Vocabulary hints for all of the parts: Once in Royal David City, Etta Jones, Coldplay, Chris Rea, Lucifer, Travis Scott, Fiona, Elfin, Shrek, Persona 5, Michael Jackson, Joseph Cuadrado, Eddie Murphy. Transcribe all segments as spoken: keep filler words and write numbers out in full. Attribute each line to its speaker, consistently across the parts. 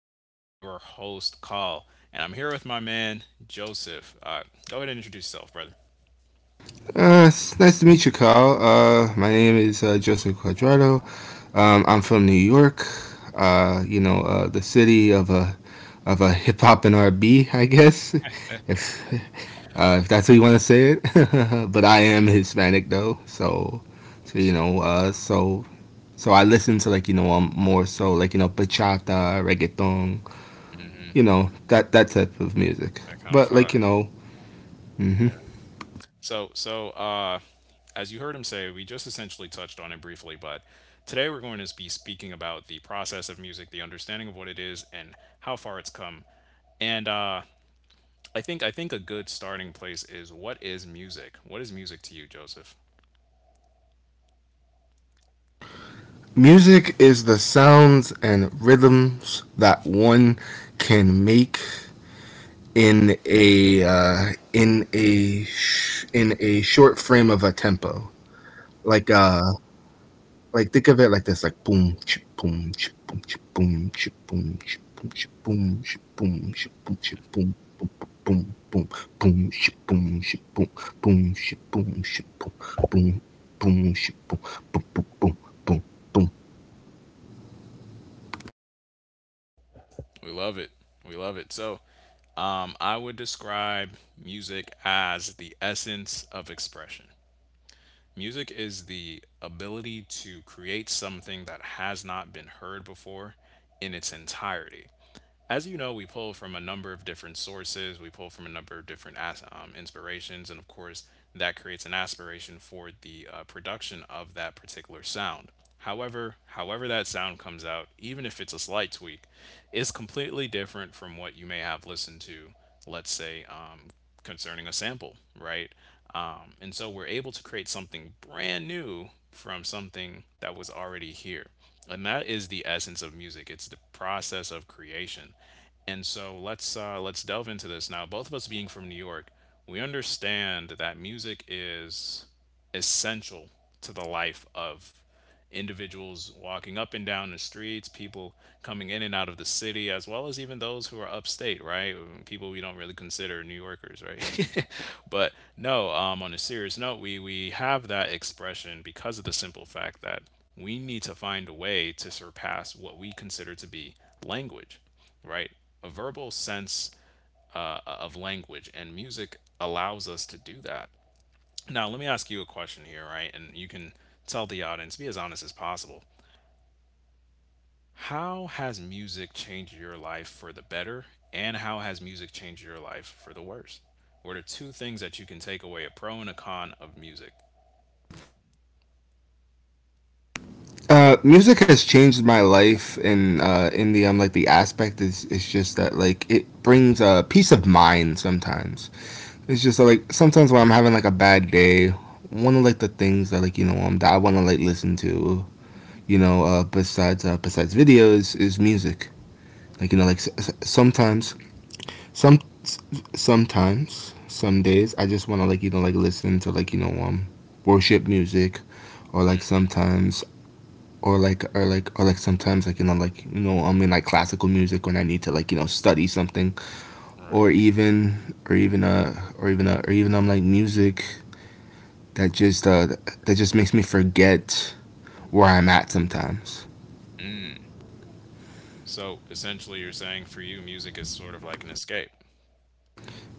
Speaker 1: I am your host, Cal, and I'm here with my man Joseph. Uh, go ahead and introduce yourself, brother.
Speaker 2: Uh, it's nice to meet you, Kyle. Uh, my name is uh, Joseph Cuadrado. Um, I'm from New York. Uh, you know, uh, the city of a of a hip hop and R and B, I guess, if uh, if that's how you want to say it. But I am Hispanic though, so so you know, uh, so so I listen to like you know um, more so like you know bachata, reggaeton, you know that that type of music.
Speaker 1: That kind of
Speaker 2: But
Speaker 1: five.
Speaker 2: like you know, hmm.
Speaker 1: Yeah. So, so uh, as you heard him say, we just essentially touched on it briefly, but today we're going to be speaking about the process of music, the understanding of what it is, and how far it's come. And uh, I think I think a good starting place is, what is music? What is music to you, Joseph?
Speaker 2: Music is the sounds and rhythms that one can make in a uh, in a sh- in a short frame of a tempo. Like uh, like think of it like this: like boom, ch- boom, ch- boom, ch- boom, ch- boom, ch- boom, ch- boom, ch- boom, ch- boom, ch- boom, boom, boom, boom, boom, ch- boom, ch- boom, boom, ch- boom, ch- boom, boom, boom, ch- boom, boom, boom, boom, boom, boom.
Speaker 1: We love it. We love it. So, um, I would describe music as the essence of expression. Music is the ability to create something that has not been heard before in its entirety. As you know, we pull from a number of different sources. We pull from a number of different as- um, inspirations, and of course, that creates an aspiration for the uh, production of that particular sound. However, however that sound comes out, even if it's a slight tweak, is completely different from what you may have listened to, let's say, um, concerning a sample, right? Um, and so we're able to create something brand new from something that was already here. And that is the essence of music. It's the process of creation. And so let's uh, let's delve into this now. Both of us being from New York, we understand that music is essential to the life of individuals walking up and down the streets, people coming in and out of the city, as well as even those who are upstate, right? People we don't really consider New Yorkers, right? But no, um, on a serious note, we, we have that expression because of the simple fact that we need to find a way to surpass what we consider to be language, right? A verbal sense uh, of language, and music allows us to do that. Now, let me ask you a question here, right? And you can tell the audience, be as honest as possible. How has music changed your life for the better? And how has music changed your life for the worse? What are two things that you can take away, a pro and a con of music?
Speaker 2: Uh, music has changed my life, and uh, in the um, like the aspect is it's just that like it brings a uh, peace of mind. Sometimes it's just like sometimes when I'm having like a bad day, one of like the things that like you know um, that I want to like listen to, you know, uh, besides uh, besides videos is music. Like you know, like s- s- sometimes some s- sometimes some days I just want to like you know like listen to like you know um worship music, or like sometimes or like or like or like sometimes like you know like you know I'm in like classical music when I need to like you know study something
Speaker 1: Right.
Speaker 2: or even or even uh or even uh, or even I'm like music that just uh that just makes me forget where I'm at sometimes.
Speaker 1: Mm. So essentially, you're saying for you, music is sort of like an escape.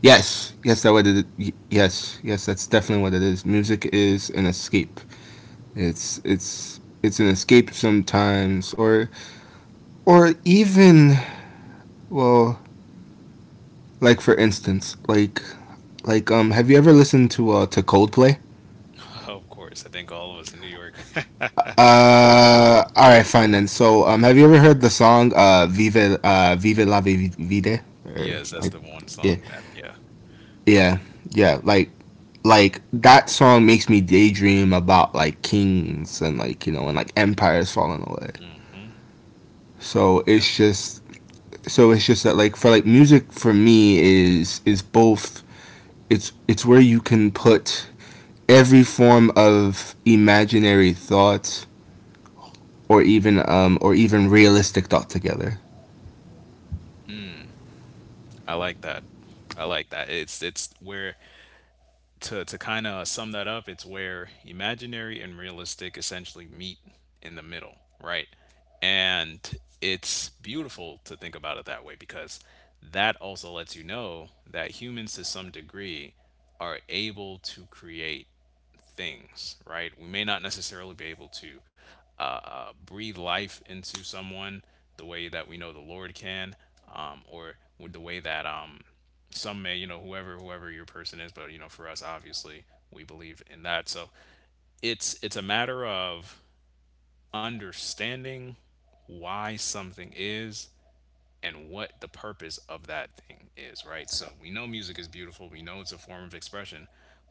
Speaker 2: Yes, yes, that what it. y- Yes, yes, that's definitely what it is. Music is an escape. It's it's it's an escape sometimes, or or even well, like for instance, like like um, have you ever listened to uh to Coldplay?
Speaker 1: Of course. I think all of us in New York.
Speaker 2: Uh, all right, fine then. So, um, have you ever heard the song uh, "Vive uh, Vive la Vi- Vida"? Or,
Speaker 1: Yes, that's
Speaker 2: I,
Speaker 1: the one
Speaker 2: yeah,
Speaker 1: song that, yeah.
Speaker 2: yeah, yeah. Like, like that song makes me daydream about like kings and like you know and like empires falling away.
Speaker 1: Hmm.
Speaker 2: So it's just so it's just that like for like music for me is is both it's it's where you can put every form of imaginary thought or even um or even realistic thought together.
Speaker 1: I like that. I like that. It's it's where, to to kind of sum that up, it's where imaginary and realistic essentially meet in the middle, right? And it's beautiful to think about it that way, because that also lets you know that humans to some degree are able to create things, right? We may not necessarily be able to uh, uh, breathe life into someone the way that we know the Lord can, um, or with the way that um, some may, you know, whoever whoever your person is, but you know, for us, obviously, we believe in that. So it's it's a matter of understanding why something is and what the purpose of that thing is, right? So we know music is beautiful, we know it's a form of expression,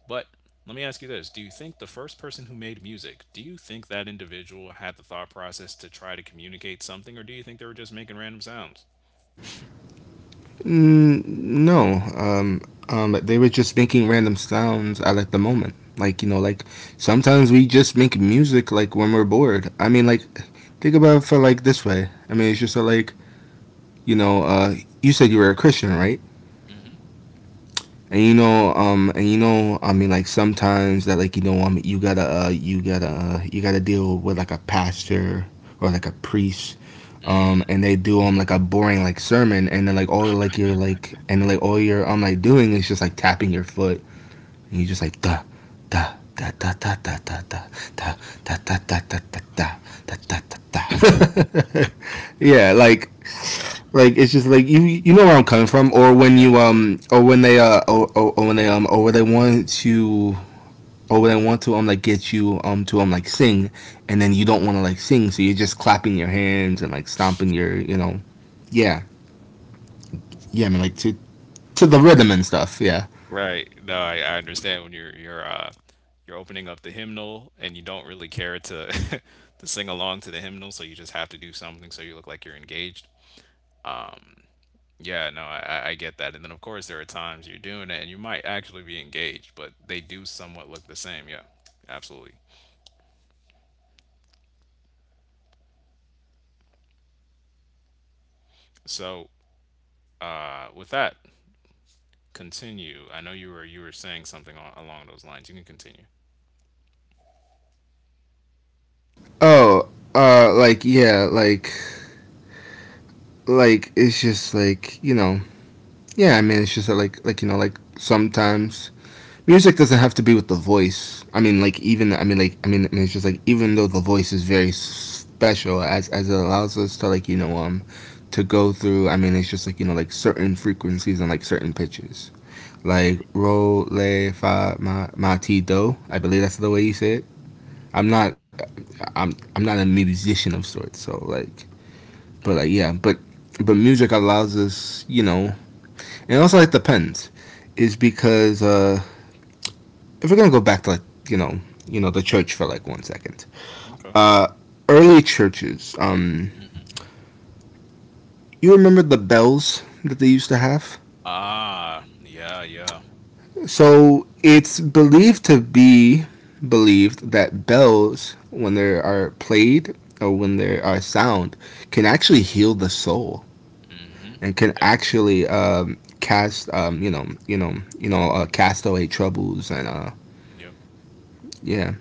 Speaker 1: but let me ask you this. Do you think the first person who made music, do you think that individual had the thought process to try to communicate something, or do you think they were just making random sounds?
Speaker 2: Mm, no, um, um, they were just making random sounds at like the moment. Like you know, like sometimes we just make music like when we're bored. I mean, like think about it for like this way. I mean, it's just uh, like you know, uh, you said you were a Christian, right?
Speaker 1: Hmm.
Speaker 2: And you know, um, and you know, I mean, like sometimes that, like you know, um, you gotta, uh, you gotta, uh, you gotta deal with like a pastor or like a priest,
Speaker 1: Mm,
Speaker 2: um, and they do um like a boring like sermon, and then like all like you're like, and like all you're um like doing is just like tapping your foot, and you just like da, da, da, da, da, da, da, da, da, da, da, da, da, da, da, da, da, da, da. Yeah, like
Speaker 1: yeah,
Speaker 2: like it's just like you you know where I'm coming from, or when
Speaker 1: yeah,
Speaker 2: you
Speaker 1: of course.
Speaker 2: um or when
Speaker 1: Mm.
Speaker 2: they uh or, or, or when they um or when they want to or when they want to um like get you um to um like sing, and then you don't want to like sing, so you're just clapping your hands and like stomping your you know, yeah yeah I mean like to to the rhythm and stuff yeah.
Speaker 1: Right. No, I, I understand when you're you're uh you're opening up the hymnal and you don't really care to to sing along to the hymnal, so you just have to do something so you look like you're engaged. Yeah, no, I, I I get that. And then, of course, there are times you're doing it and you might actually be engaged, but they do somewhat look the same. Yeah, absolutely. So, uh, with that, continue. I know you were you were saying something on, along those lines. You can continue.
Speaker 2: Oh, uh like yeah like like it's just like you know yeah I mean it's just like like you know like sometimes music doesn't have to be with the voice. I mean, like even I mean, like I mean, I mean, it's just like even though the voice is very special, as as it allows us to like you know um to go through. I mean, it's just like you know like certain frequencies and like certain pitches. Like ro le fa ma ma ti do. I believe that's the way you say it. I'm not I'm I'm not a musician of sorts, so like but
Speaker 1: Right.
Speaker 2: like yeah, but but music allows us, you know, and also it depends, is because uh if we're gonna go back to like you know you know the church for like one second
Speaker 1: Okay.
Speaker 2: uh early churches um you remember the bells that they used to have.
Speaker 1: Ah, yeah, yeah.
Speaker 2: So it's believed to be believed that bells when they are played or when they are sound can actually heal the soul
Speaker 1: Mm-hmm.
Speaker 2: and can
Speaker 1: Yep.
Speaker 2: actually um cast um you know you know you know uh, cast away troubles and uh
Speaker 1: Yep.
Speaker 2: yeah,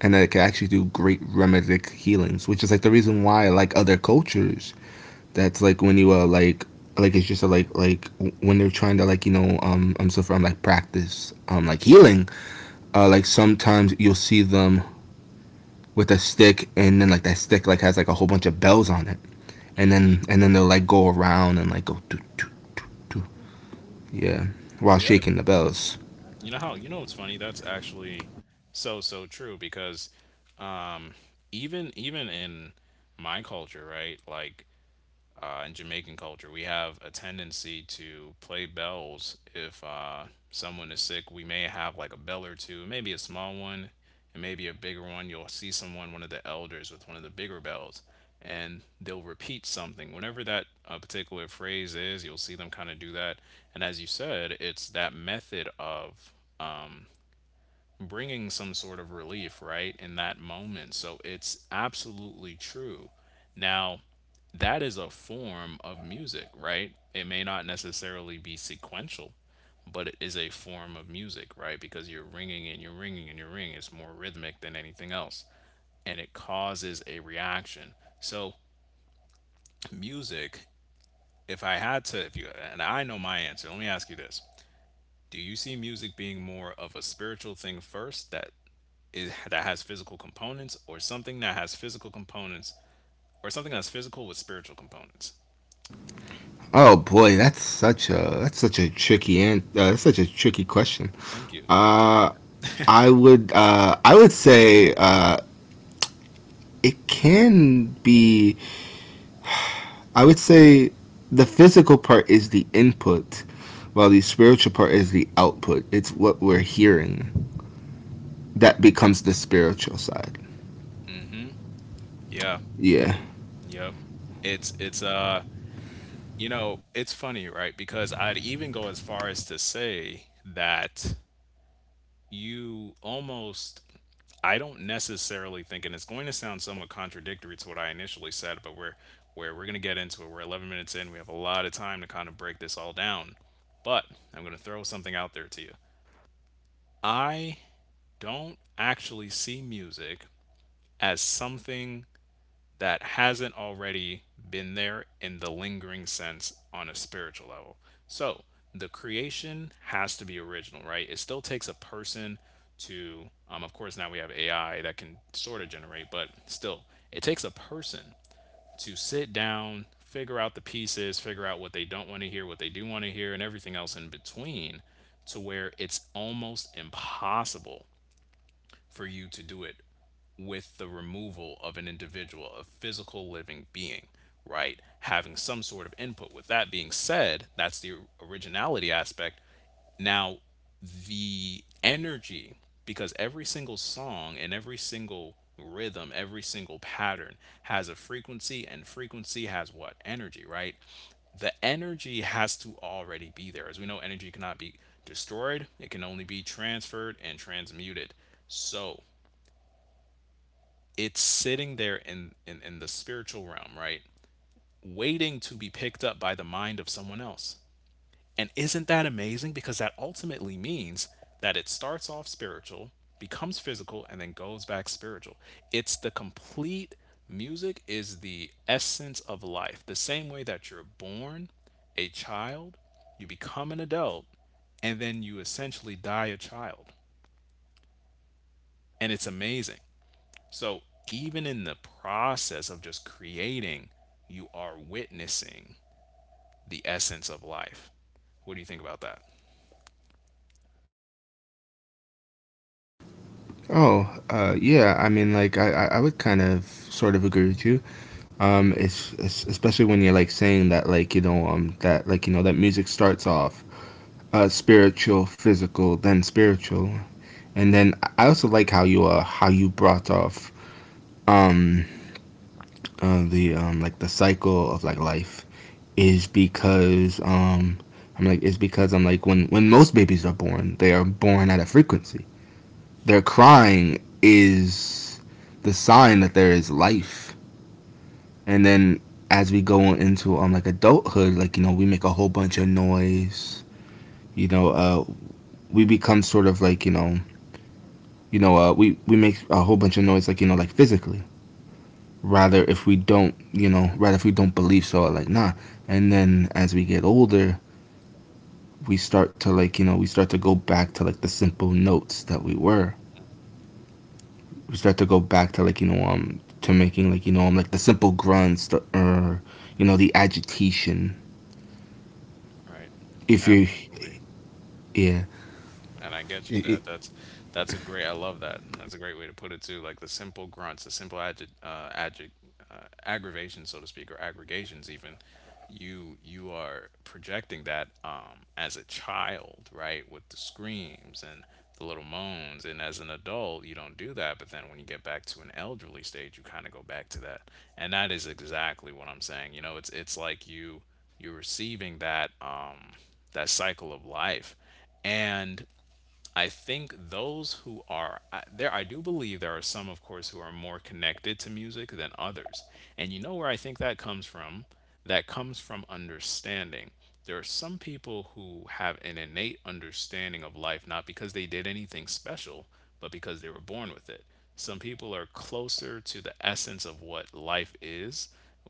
Speaker 2: and that it can actually do great remedic healings, which is like the reason why I like other cultures. That's like when you uh like like it's just a, like like when they're trying to like you know um I'm so from like practice um like healing uh like sometimes you'll see them with a stick and then like that stick like has like a whole bunch of bells on it and then and then they'll like go around and like go do do do do yeah, while
Speaker 1: Yeah.
Speaker 2: shaking the bells.
Speaker 1: You know, how you know it's funny? That's actually so so true because um even even in my culture, right? Like uh, in Jamaican culture, we have a tendency to play bells. If uh, someone is sick, we may have like a bell or two, maybe a small one, and maybe a bigger one. You'll see someone, one of the elders, with one of the bigger bells, and they'll repeat something. Whenever that uh, particular phrase is, you'll see them kind of do that. And as you said, it's that method of bringing some sort of relief, right, in that moment. So it's absolutely true. Now, that is a form of music, right? It may not necessarily be sequential, but it is a form of music, right? Because you're ringing and you're ringing and you're ringing. It's more rhythmic than anything else, and it causes a reaction. So, music, if I had to, if you, and I know my answer, let me ask you this: do you see music being more of a spiritual thing first that is, that has physical components, or something that has physical components, or something that's physical with spiritual components?
Speaker 2: Oh boy, that's such a that's such a tricky and uh, that's such a tricky question.
Speaker 1: Thank you. I appreciate
Speaker 2: Uh,
Speaker 1: that.
Speaker 2: I would uh, I would say uh, it can be. I would say the physical part is the input, while the spiritual part is the output. It's what we're hearing that becomes the spiritual side.
Speaker 1: Yeah.
Speaker 2: Yeah.
Speaker 1: Yep. It's it's uh you know, it's funny, right? Because I'd even go as far as to say that you almost, I don't necessarily think, and it's going to sound somewhat contradictory to what I initially said, but we're where we're going to get into it. We're eleven minutes in. We have a lot of time to kind of break this all down. But I'm going to throw something out there to you. I don't actually see music as something that hasn't already been there in the lingering sense on a spiritual level. So the creation has to be original, right? It still takes a person to, um, of course, now we have A I that can sort of generate, but still, it takes a person to sit down, figure out the pieces, figure out what they don't want to hear, what they do want to hear, and everything else in between, to where it's almost impossible for you to do it with the removal of an individual, a physical living being, right? Having some sort of input. With that being said, that's the originality aspect. Now, the energy, because every single song and every single rhythm, every single pattern has a frequency, and frequency has what? Energy, right? The energy has to already be there. As we know, energy cannot be destroyed, it can only be transferred and transmuted. So, it's sitting there in, in in the spiritual realm, right, waiting to be picked up by the mind of someone else. And isn't that amazing, because that ultimately means that it starts off spiritual, becomes physical, and then goes back spiritual. It's the complete, music is the essence of life. The same way that you're born a child, you become an adult, and then you essentially die a child. And it's amazing. So even in the process of just creating, you are witnessing the essence of life. What do you think about that?
Speaker 2: Oh, uh, yeah. I mean, like I I I would kind of sort of agree with you. Um, it's, it's especially when you're like saying that like you know um that like you know that music starts off uh spiritual, physical, then spiritual, and then I also like how you uh how you brought off um uh, the um like the cycle of like life is because um I'm like it's because I'm like when when most babies are born they are born at a frequency. Their crying is the sign that there is life and then as we go into um like adulthood, like you know, we make a whole bunch of noise. You know, uh, we become sort of like you know, you know, uh, we we make a whole bunch of noise, like you know, like physically. Rather, if we don't, you know, rather if we don't believe, so like nah. And then as we get older, we start to like you know, we start to go back to like the simple notes that we were. We start to go back to like you know um to making like you know um like the simple grunts the, or you know the agitation.
Speaker 1: Right.
Speaker 2: If you're
Speaker 1: Absolutely.
Speaker 2: yeah,
Speaker 1: And I get you
Speaker 2: it,
Speaker 1: that.
Speaker 2: it,
Speaker 1: That's that's a great. I love that. And that's a great way to put it too. Like the simple grunts, the simple agi- uh, agi- uh, aggravation, so to speak, or aggregations even. You you are projecting that, um, as a child, right, with the screams and the little moans. And as an adult, you don't do that. But then when you get back to an elderly stage, you kind of go back to that. And that is exactly what I'm saying. You know, it's it's like you, you're receiving that um, that cycle of life. And I think those who are I, there, I do believe there are some, of course, who are more connected to music than others. And you know where I think that comes from? That comes from understanding. There are some people who have an innate understanding of life, not because they did anything special, but because they were born with it. Some people are closer to the essence of what life is,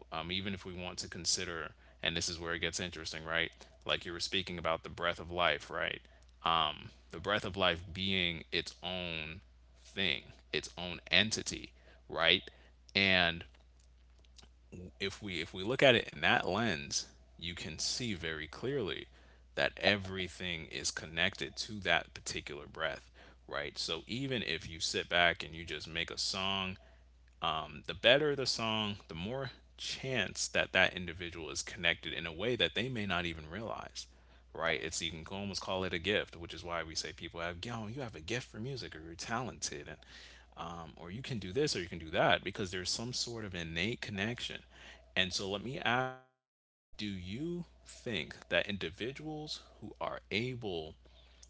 Speaker 1: um, even if we want to consider, and this is where it gets interesting, right? Like you were speaking about the breath of life, right? um, the breath of life being its own thing, its own entity, right? And if we if we look at it in that lens, you can see very clearly that everything is connected to that particular breath, right? So even if you sit back and you just make a song, um, the better the song, the more chance that that individual is connected in a way that they may not even realize, right? It's you can almost call it a gift, which is why we say people have, yo, you have a gift for music, or you're talented, and um, or you can do this, or you can do that, because there's some sort of innate connection. And so let me ask you, do you think that individuals who are able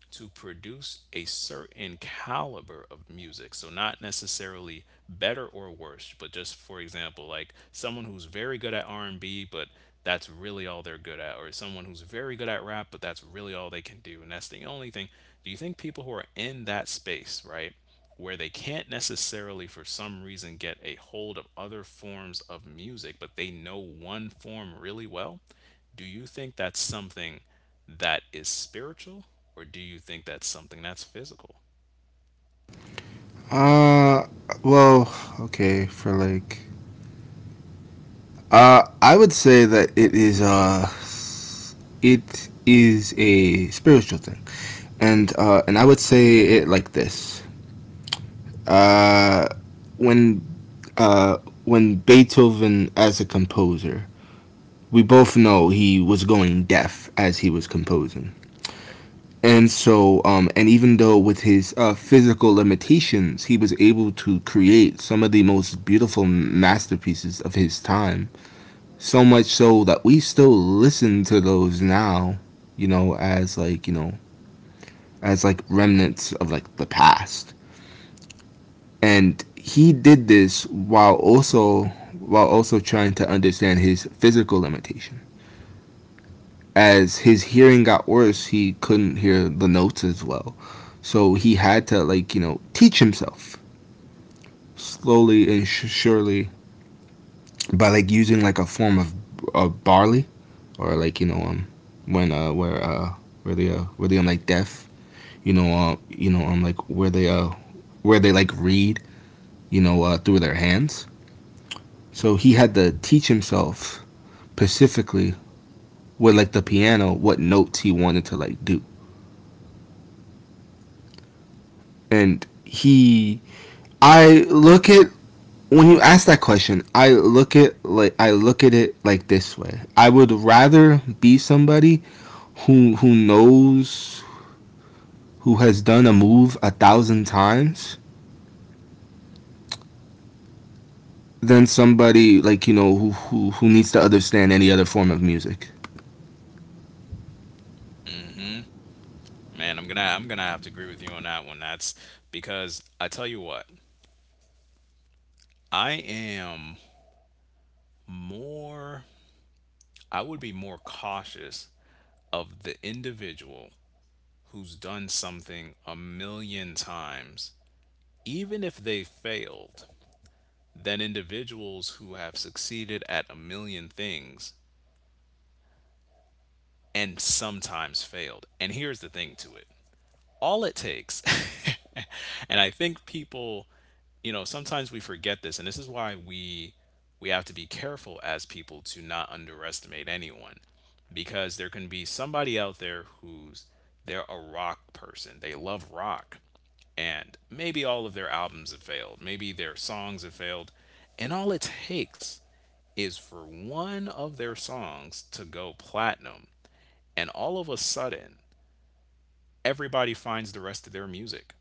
Speaker 1: to produce a certain caliber of music? So, not necessarily better or worse, but just for example, like someone who's very good at R and B, but that's really all they're good at, or someone who's very good at rap, but that's really all they can do, and that's the only thing. Do you think people who are in that space, right, where they can't necessarily for some reason get a hold of other forms of music, but they know one form really well? Do you think that's something that is spiritual, or do you think that's something that's physical?
Speaker 2: Uh, well, okay, for like, uh, I would say that it is uh, it is a spiritual thing, and uh, and I would say it like this. Uh, when uh, when Beethoven as a composer, we both know he was going deaf as he was composing.
Speaker 1: Right.
Speaker 2: And so, um, and even though with his uh, physical limitations, he was able to create some of the most beautiful masterpieces of his time. So much so that we still listen to those now, you know, as like, you know, as like remnants of like the past. And he did this while also while also trying to understand his physical limitation. As his hearing got worse, he couldn't hear the notes as well. So he had to like you know teach himself slowly and sh- surely by like using like a form of, of barley or like you know um when uh where uh where they uh where they um like deaf you know uh you know um like where they uh where they like read you know uh through their hands. So he had to teach himself specifically with like the piano what notes he wanted to like do and he I look at when you ask that question, I look at like I look at it like this way. I would rather be somebody who who knows who has done a move a thousand times than somebody like you know who who, who needs to understand any other form of music.
Speaker 1: Mm-hmm. Man, I'm gonna I'm gonna have to agree with you on that one. That's because I tell you what, I am more, I would be more cautious of the individual who's done something a million times, even if they failed, than individuals who have succeeded at a million things and sometimes failed. And here's the thing to it. All it takes and I think people, you know sometimes we forget this, and this is why we, we have to be careful as people to not underestimate anyone, because there can be somebody out there who's, they're a rock person, they love rock, and maybe all of their albums have failed, maybe their songs have failed, and all it takes is for one of their songs to go platinum, and all of a sudden everybody finds the rest of their music,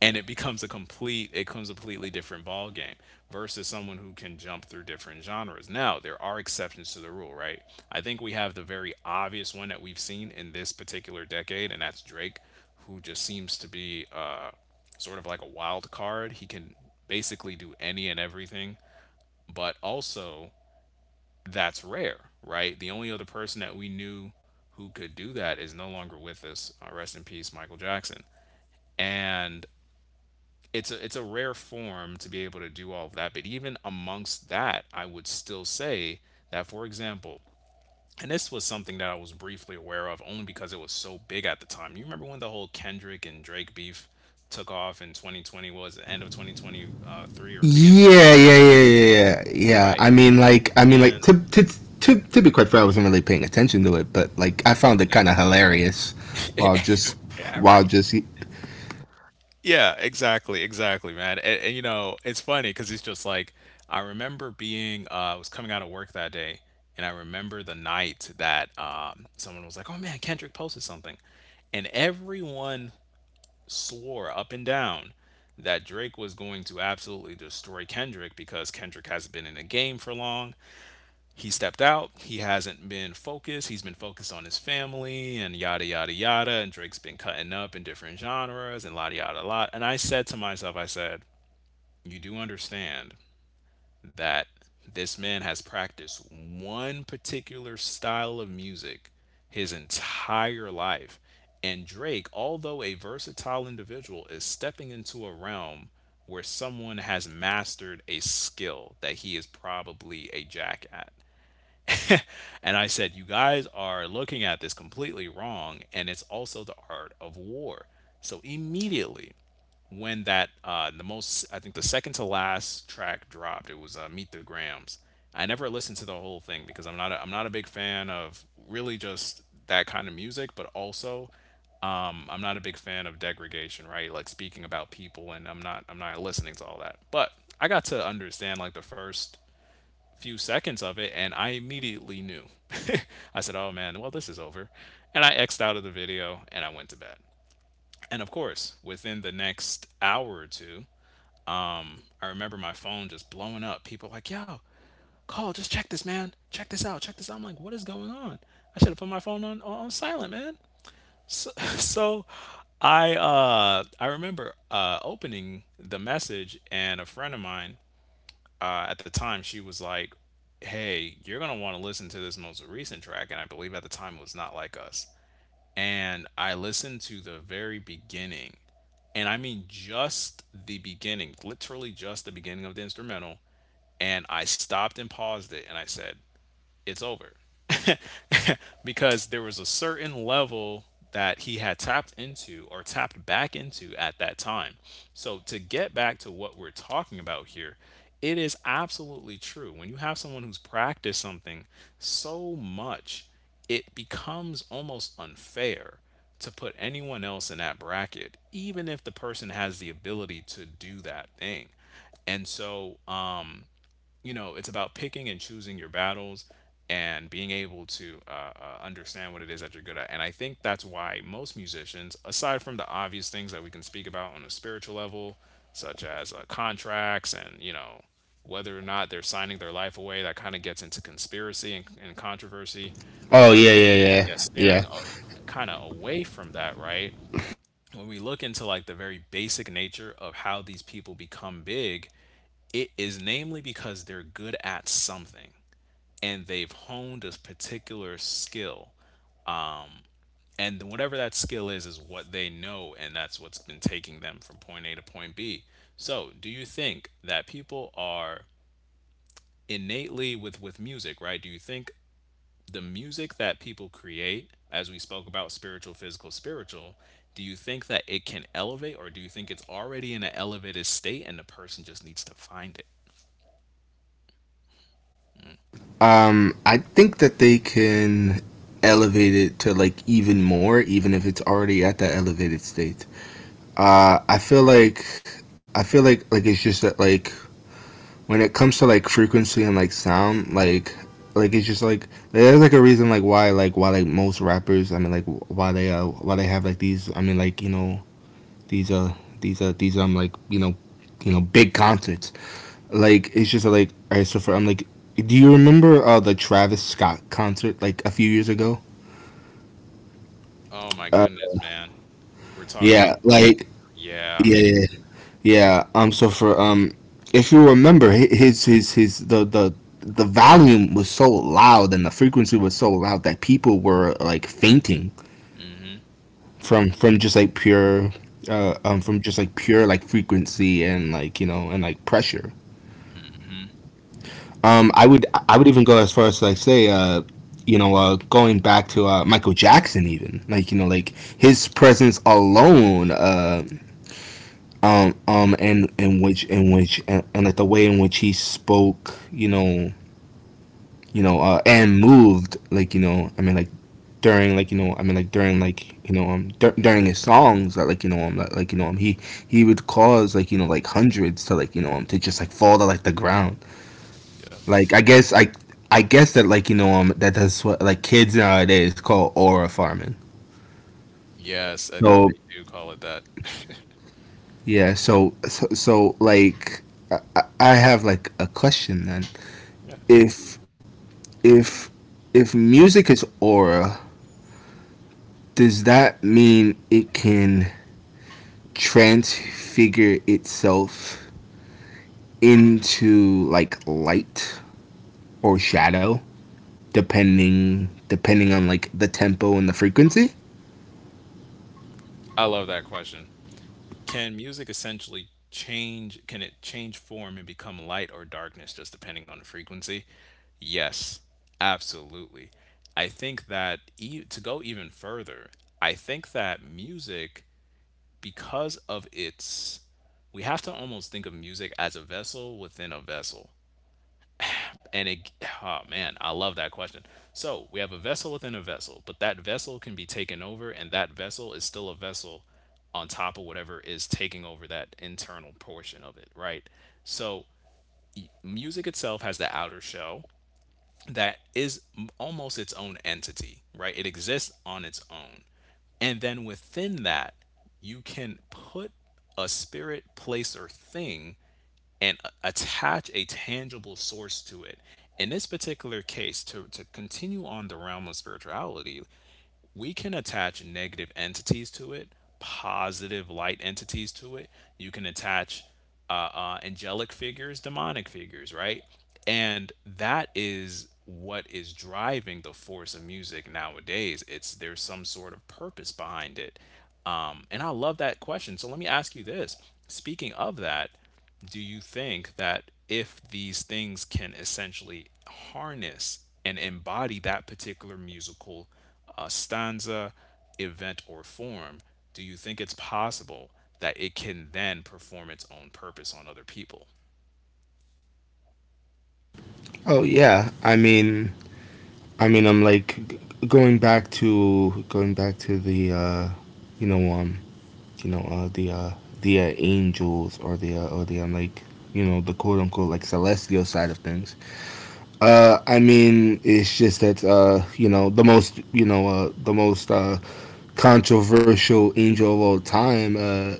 Speaker 1: and it becomes a complete it becomes a completely different ball game versus someone who can jump through different genres. Now there are exceptions to the rule, right? I think we have the very obvious one that we've seen in this particular decade, and that's Drake, who just seems to be uh, sort of like a wild card. He can basically do any and everything, but also that's rare, right? The only other person that we knew who could do that is no longer with us, uh, rest in peace Michael Jackson. And it's a it's a rare form to be able to do all of that. But even amongst that, I would still say that, for example, and this was something that I was briefly aware of only because it was so big at the time. You remember when the whole Kendrick and Drake beef took off in twenty twenty, was it, end of twenty twenty-three or beginning of
Speaker 2: Yeah, yeah,
Speaker 1: twenty twenty?
Speaker 2: yeah, yeah, yeah, yeah.
Speaker 1: Right.
Speaker 2: I mean, like, I mean,
Speaker 1: And
Speaker 2: like, to to to, to be quite fair, I wasn't really paying attention to it, but like, I found it kind of
Speaker 1: exactly.
Speaker 2: hilarious while just
Speaker 1: Yeah,
Speaker 2: while
Speaker 1: right.
Speaker 2: just.
Speaker 1: Yeah, exactly, exactly, man. And, and you know, it's funny because it's just like, I remember being, uh, I was coming out of work that day, and I remember the night that um, someone was like, "Oh man, Kendrick posted something," and everyone swore up and down that Drake was going to absolutely destroy Kendrick, because Kendrick hasn't been in the game for long, he stepped out. He hasn't been focused. He's been focused on his family and yada yada yada. And Drake's been cutting up in different genres and yada yada lot. And I said to myself, I said, you do understand that this man has practiced one particular style of music his entire life. And Drake, although a versatile individual, is stepping into a realm where someone has mastered a skill that he is probably a jack at. And I said, you guys are looking at this completely wrong, and it's also the art of war. So immediately when that uh the most, I think the second to last track dropped, it was uh, Meet the Grams. I never listened to the whole thing because I'm not a, I'm not a big fan of really just that kind of music, but also um, I'm not a big fan of degradation, right? Like speaking about people, and I'm not I'm not listening to all that. But I got to understand like the first few seconds of it and I immediately knew. I said, oh man, well, this is over. And I X'd out of the video and I went to bed. And of course, within the next hour or two, I remember my phone just blowing up. People like, yo, call, just check this, man. Check this out. Check this out. I'm like, what is going on? I should have put my phone on, on silent, man. So, so I uh, I remember uh, opening the message, and a friend of mine uh, at the time she was like, "Hey, you're gonna want to listen to this most recent track," and I believe at the time it was "Not Like Us." And I listened to the very beginning, and I mean just the beginning, literally just the beginning of the instrumental, and I stopped and paused it, and I said, it's over. Because there was a certain level that he had tapped into or tapped back into at that time. So, to get back to what we're talking about here, it is absolutely true. When you have someone who's practiced something so much, it becomes almost unfair to put anyone else in that bracket, even if the person has the ability to do that thing. And so, um, you know it's about picking and choosing your battles, and being able to uh, uh, understand what it is that you're good at. And I think that's why most musicians, aside from the obvious things that we can speak about on a spiritual level, such as uh, contracts and you know whether or not they're signing their life away, that kind of gets into conspiracy and, and controversy,
Speaker 2: Oh
Speaker 1: but
Speaker 2: yeah, yeah,
Speaker 1: yeah,
Speaker 2: yeah, yeah.
Speaker 1: steering kind of away from that, right, when we look into like the very basic nature of how these people become big, it is namely because they're good at something and they've honed a particular skill. And whatever that skill is, is what they know, and that's what's been taking them from point A to point B. So, do you think that people are innately with, with music, right? Do you think the music that people create, as we spoke about spiritual, physical, spiritual, do you think that it can elevate, or do you think it's already in an elevated state and the person just needs to find it?
Speaker 2: Um, I think that they can elevate it to like even more, even if it's already at that elevated state. Uh, I feel like I feel like like it's just that like when it comes to like frequency and like sound, like like it's just like there's like a reason like why like why like most rappers, I mean like why they uh why they have like these I mean like you know these uh these uh these um like you know you know big concerts like it's just like alright. So for I'm like, do you remember uh, the Travis Scott concert like a few years ago?
Speaker 1: Oh my
Speaker 2: Uh,
Speaker 1: goodness, man. We're talking about
Speaker 2: yeah,
Speaker 1: we're
Speaker 2: like
Speaker 1: yeah.
Speaker 2: yeah, yeah, yeah. Um, so for um, if you remember, hi- his his his the the the volume was so loud and the frequency was so loud that people were like fainting
Speaker 1: Mhm,
Speaker 2: from from just like pure uh um from just like pure like frequency and like you know and like pressure.
Speaker 1: mhm,
Speaker 2: Um, I would I would even go as far as like say uh, you know uh, going back to uh, Michael Jackson even like you know like his presence alone uh, um um and in which in which and, and like the way in which he spoke you know you know uh, and moved like you know I mean like during like you know I mean like during like you know um dur- during his songs that like you know um like you know um he he would cause like you know like hundreds to like you know um to just like fall to like the ground.
Speaker 1: yep.
Speaker 2: Like I guess I I guess that like you know um that that's what like kids nowadays call aura farming.
Speaker 1: Yes, I think
Speaker 2: So
Speaker 1: they do call it that.
Speaker 2: yeah, so so, so like I, I have like a question then.
Speaker 1: Yeah.
Speaker 2: If if if music is aura, does that mean it can transfigure itself into like light or shadow depending depending on like the tempo and the frequency?
Speaker 1: I love that question. Can music essentially change can it change form and become light or darkness just depending on the frequency? Yes, absolutely. I think that e- to go even further, I think that music, because of its, we have to almost think of music as a vessel within a vessel. And it, oh man, I love that question. So we have a vessel within a vessel, but that vessel can be taken over, and that vessel is still a vessel on top of whatever is taking over that internal portion of it, right? So music itself has an outer shell that is m- almost its own entity, right? It exists on its own. And then within that, you can put a spirit, place, or thing, and attach a tangible source to it. In this particular case, to, to continue on the realm of spirituality, we can attach negative entities to it, positive light entities to it. You can attach uh, uh, angelic figures, demonic figures, right? And that is what is driving the force of music nowadays. It's there's some sort of purpose behind it. Um, and I love that question. So let me ask you this. Speaking of that, do you think that if these things can essentially harness and embody that particular musical uh, stanza, event, or form, do you think it's possible that it can then perform its own purpose on other people?
Speaker 2: Oh yeah, I mean I mean, I'm like g- going back to going back to the uh, you know um you know uh, the uh, the uh, angels or the uh, or the um, like you know the quote unquote like celestial side of things. Uh, I mean, it's just that uh, you know the most you know uh, the most uh, controversial angel of all time. Uh,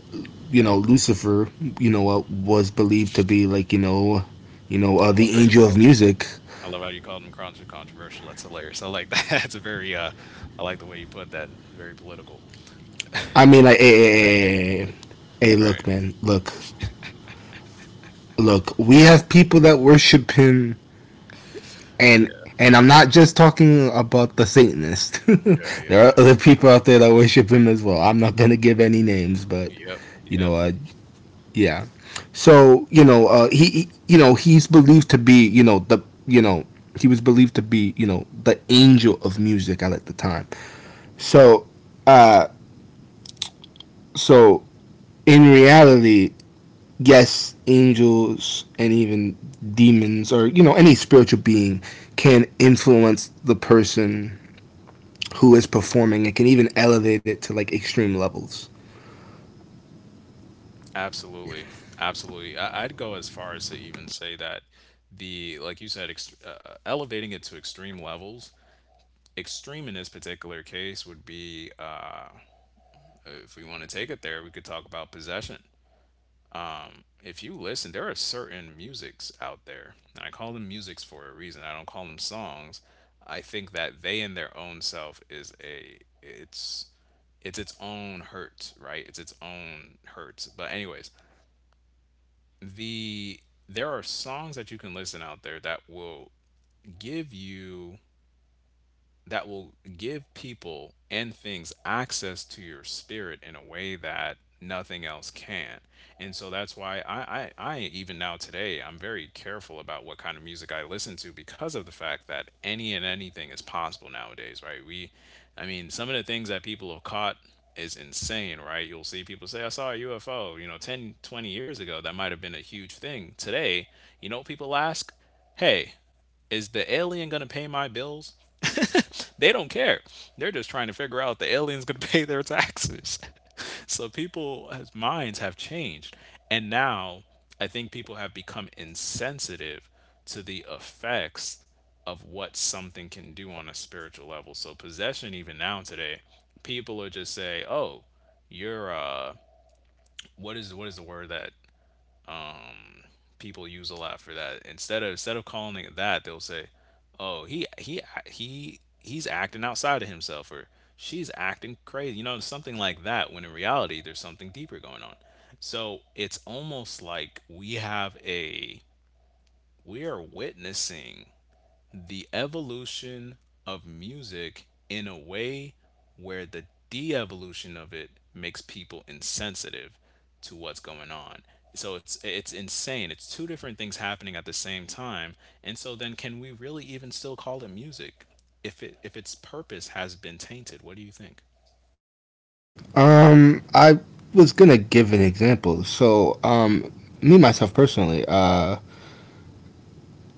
Speaker 2: you know, Lucifer. You know, uh, was believed to be like you know, you know uh,
Speaker 1: I
Speaker 2: the
Speaker 1: love how you
Speaker 2: angel
Speaker 1: call
Speaker 2: of
Speaker 1: them.
Speaker 2: music.
Speaker 1: I love how you called them contra- controversial. That's hilarious. I like that. That's a very, uh, I like the way you put that. Very political.
Speaker 2: I mean, like, hey, hey, hey, hey, hey,
Speaker 1: Right.
Speaker 2: look, man, look, look. We have people that worship him, and
Speaker 1: Yeah.
Speaker 2: and I'm not just talking about the Satanist.
Speaker 1: Yeah, yeah,
Speaker 2: There are
Speaker 1: yeah.
Speaker 2: other people out there that worship him as well. I'm not gonna give any names, but
Speaker 1: Yep,
Speaker 2: you
Speaker 1: yep.
Speaker 2: know, uh, yeah. So you know, uh, he, he- you know, he's believed to be, you know, the, you know, he was believed to be, you know, the angel of music at the time. So, uh, so in reality, yes, angels and even demons or you know any spiritual being can influence the person who is performing and can even elevate it to like extreme levels.
Speaker 1: Absolutely. Absolutely. I I'd go as far as to even say that the, like you said, ext uh, elevating it to extreme levels, extreme in this particular case would be, uh, if we want to take it there, we could talk about possession. Um, if you listen, there are certain musics out there, and I call them musics for a reason. I don't call them songs. I think that they in their own self is a, it's, it's its own hurt, right? It's its own hurts. But anyways, the there are songs that you can listen out there that will give you that will give people and things access to your spirit in a way that nothing else can. And so that's why I, I, I even now today, I'm very careful about what kind of music I listen to because of the fact that any and anything is possible nowadays, right? We, I mean, some of the things that people have caught is insane, right? You'll see people say, I saw a U F O, you know, ten, twenty years ago, that might have been a huge thing. Today, you know, people ask, hey, is the alien going to pay my bills? They don't care. They're just trying to figure out the aliens going to pay their taxes. So people's minds have changed. And now I think people have become insensitive to the effects of what something can do on a spiritual level. So possession even now today, people are just say, "Oh, you're uh what is what is the word that people use a lot for that. Instead of instead of calling it that, they'll say, "Oh, he he he he's acting outside of himself," or "She's acting crazy," you know, something like that. When in reality, there's something deeper going on. So it's almost like we have a we are witnessing the evolution of music in a way where the de evolution of it makes people insensitive to what's going on. So it's it's insane. It's two different things happening at the same time. And so then can we really even still call it music if it if its purpose has been tainted? What do you think?
Speaker 2: Um, I was gonna give an example. So, um, me myself personally, uh,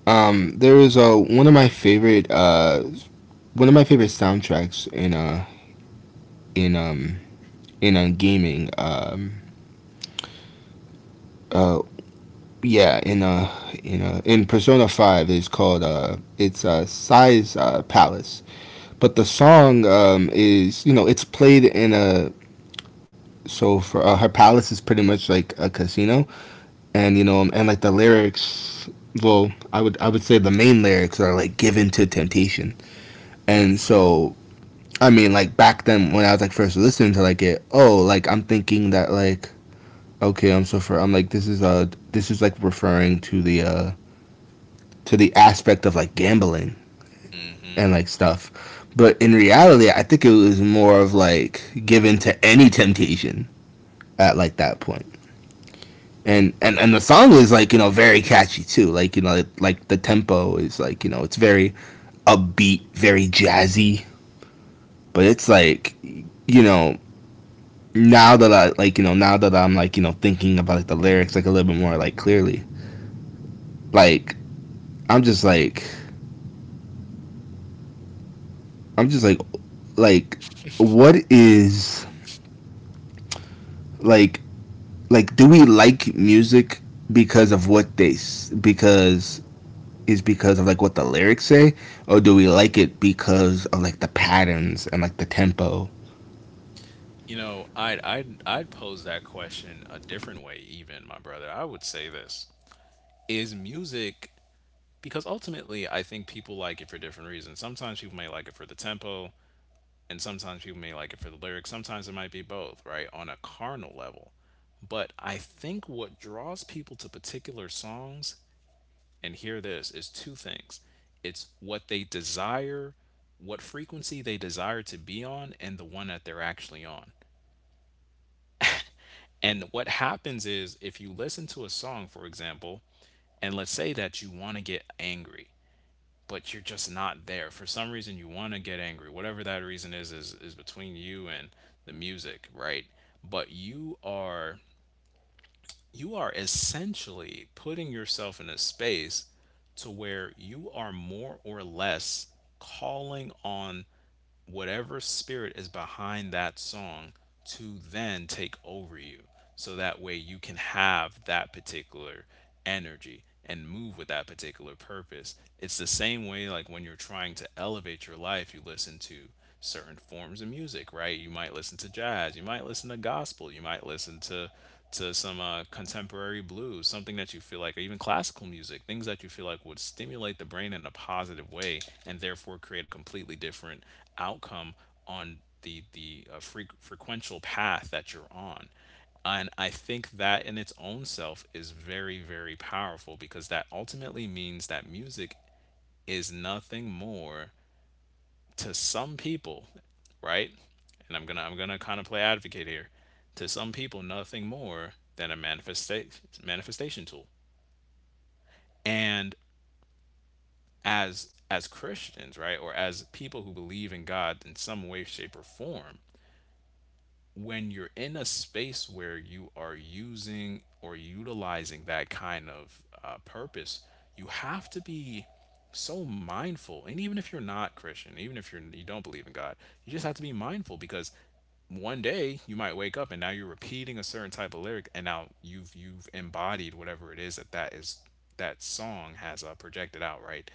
Speaker 2: um, there is a one of my favorite uh, one of my favorite soundtracks in uh in um in uh, gaming um uh yeah in uh in uh in Persona five is called uh it's uh Size uh Palace, but the song um is you know it's played in a so for uh, her palace is pretty much like a casino, and you know um, and like the lyrics, well i would i would say the main lyrics are like given to temptation. And so I mean like back then when I was like first listening to like it oh like I'm thinking that like okay I'm so for I'm like this is uh this is like referring to the uh to the aspect of like gambling
Speaker 1: Hmm.
Speaker 2: and like stuff. But in reality, I think it was more of like given to any temptation at like that point. And, and and the song is like you know very catchy too like you know like, like the tempo is like you know it's very upbeat very jazzy, but it's like you know now that I like you know now that I'm like you know thinking about like, the lyrics like a little bit more like clearly, like I'm just like I'm just like like what is like like do we like music because of what they because is because of like what the lyrics say or do we like it because of like the patterns and like the tempo?
Speaker 1: You know, I'd I'd I'd pose that question a different way even, my brother. I would say this. Is music, because ultimately I think people like it for different reasons. Sometimes people may like it for the tempo, and sometimes people may like it for the lyrics. Sometimes it might be both, right, on a carnal level. But I think what draws people to particular songs, and hear this, is two things. It's what they desire, what frequency they desire to be on, and the one that they're actually on. And what happens is, if you listen to a song, for example, and let's say that you want to get angry, but you're just not there. For some reason, you want to get angry. Whatever that reason is, is is between you and the music, right? But you are you are essentially putting yourself in a space to where you are more or less calling on whatever spirit is behind that song to then take over you. So that way you can have that particular energy and move with that particular purpose. It's the same way, like when you're trying to elevate your life, you listen to certain forms of music, right? You might listen to jazz, you might listen to gospel, you might listen to to some uh, contemporary blues, something that you feel like, or even classical music, things that you feel like would stimulate the brain in a positive way and therefore create a completely different outcome on the the uh, fre- frequential path that you're on. And I think that in its own self is very, very powerful, because that ultimately means that music is nothing more to some people, right? And I'm gonna I'm gonna kind of play advocate here. To some people, nothing more than a manifestation manifestation tool. And as as Christians, right, or as people who believe in God in some way, shape, or form, when you're in a space where you are using or utilizing that kind of uh, purpose, you have to be so mindful. And even if you're not Christian, even if you're you don't believe in God, you just have to be mindful, because one day you might wake up and now you're repeating a certain type of lyric, and now you've you've embodied whatever it is that that is that song has uh, projected out, right?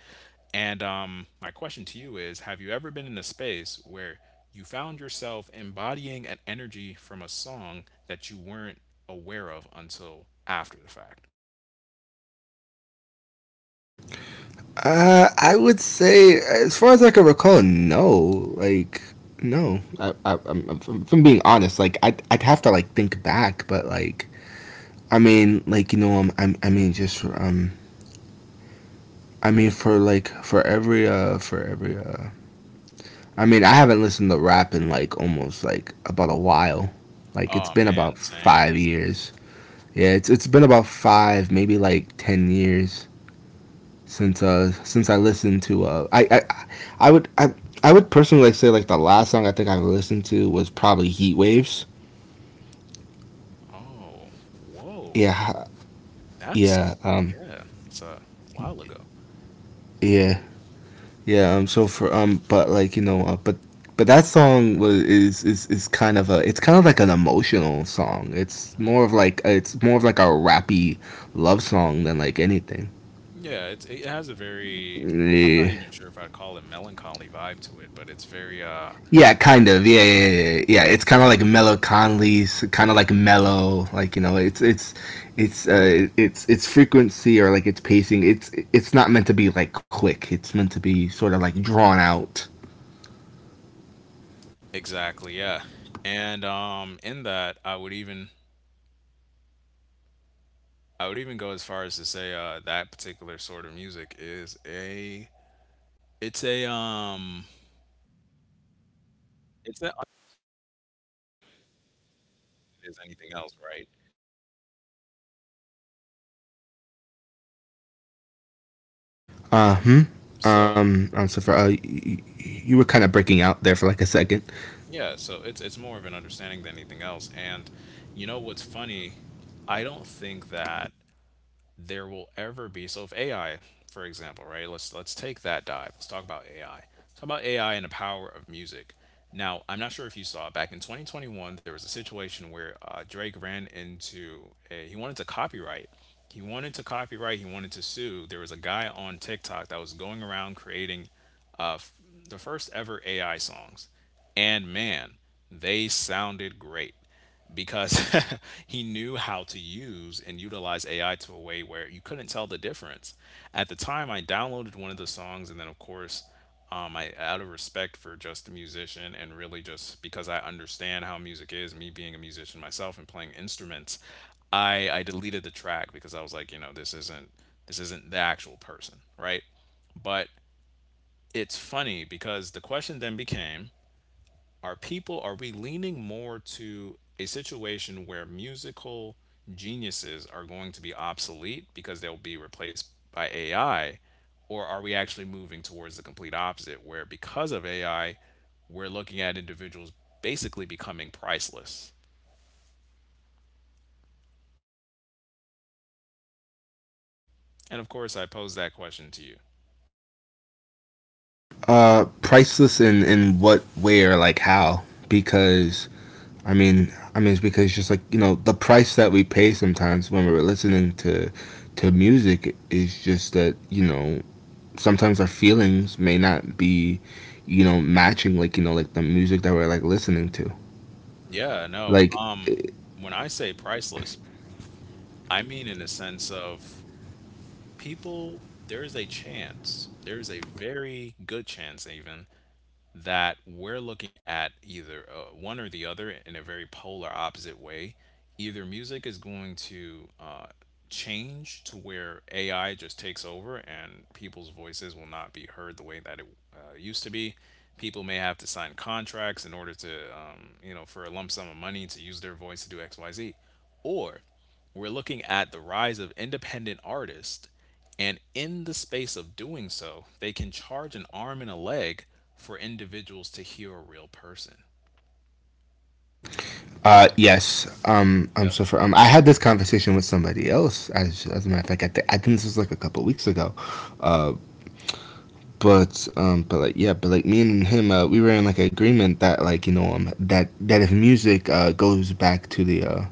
Speaker 1: And um, my question to you is, have you ever been in a space where you found yourself embodying an energy from a song that you weren't aware of until after the fact?
Speaker 2: uh I would say as far as I can recall no, like no i, I I'm I if I'm being honest like I'd, I'd have to like think back, but like I mean like you know I'm, I'm, I mean just um I mean for like for every uh for every uh I mean, I haven't listened to rap in like almost like about a while. Like it's
Speaker 1: Oh,
Speaker 2: been
Speaker 1: man,
Speaker 2: about
Speaker 1: same.
Speaker 2: five years. Yeah, it's it's been about five, maybe like ten years since uh since I listened to uh I I I would I I would personally like say like the last song I think I listened to was probably Heat Waves.
Speaker 1: Oh, whoa.
Speaker 2: Yeah, yeah,
Speaker 1: That's,
Speaker 2: um,
Speaker 1: yeah, that's a while ago.
Speaker 2: yeah. Yeah. Um. So for um. But like you know. Uh, but but that song was is, is is kind of a. It's kind of like an emotional song. It's more of
Speaker 1: Mhm.
Speaker 2: like it's more of like a rappy love song than like anything.
Speaker 1: Yeah, it's, it has a very, I'm not
Speaker 2: Yeah.
Speaker 1: even sure if I'd call it melancholy vibe to it, but it's very, uh,
Speaker 2: Yeah, kind of. Yeah, yeah, yeah, yeah, yeah. It's kind of like Mellow Conley's, kind of like mellow. Like you know, it's it's it's uh, it's it's frequency or like it's pacing. It's it's not meant to be like quick. It's meant to be sort of like drawn out.
Speaker 1: exactly, yeah. And um, in that I would even I would even go as far as to say uh that particular sort of music is a it's a um it's not as anything else, right?
Speaker 2: Uh, hmm? Um,
Speaker 1: So
Speaker 2: um, so for, uh, y- y- you were kind of breaking out there for like a second.
Speaker 1: yeah, so it's it's more of an understanding than anything else. And you know what's funny? I don't think that there will ever be. So if A I, for example, right? Let's let's take that dive. Let's talk about A I. Talk about A I and the power of music. Now, I'm not sure if you saw back in twenty twenty-one, there was a situation where uh, Drake ran into a, he wanted to copyright. He wanted to copyright. He wanted to sue. There was a guy on TikTok that was going around creating uh, f- the first ever A I songs, and man, they sounded great because he knew how to use and utilize A I to a way where you couldn't tell the difference. At the time, I downloaded one of the songs, and then of course, um, I, out of respect for just the musician and really just because I understand how music is, me being a musician myself and playing instruments, I I deleted the track because I was like, you know, this isn't this isn't the actual person, right? But it's funny because the question then became, are people, are we leaning more to a situation where musical geniuses are going to be obsolete because they'll be replaced by A I, or are we actually moving towards the complete opposite, where because of A I we're looking at individuals basically becoming priceless? And of course, I pose that question to you.
Speaker 2: Uh, priceless in, in what way or like how? Because, I mean, I mean, it's because just like, you know, the price that we pay sometimes when we're listening to, to music is just that, you know, sometimes our feelings may not be, you know, matching like, you know, like the music that we're like listening to.
Speaker 1: Yeah, no,
Speaker 2: Like,
Speaker 1: um when I say priceless, I mean in the sense of people, there is a chance, there is a very good chance even, that we're looking at either uh, one or the other in a very polar opposite way. Either music is going to uh, change to where A I just takes over and people's voices will not be heard the way that it uh, used to be. People may have to sign contracts in order to, um, you know, for a lump sum of money to use their voice to do X, Y, Z. Or we're looking at the rise of independent artists, and in the space of doing so, they can charge an arm and a leg for individuals to hear a real person. Mm,
Speaker 2: Uh, yes. Um, I'm
Speaker 1: yep,
Speaker 2: so for um, I had this conversation with somebody else. As as a matter of fact, I, th- I think this was like a couple weeks ago. Uh, but um, but like yeah, but like me and him, uh, we were in like an agreement that like you know um that that if music uh goes back to the uh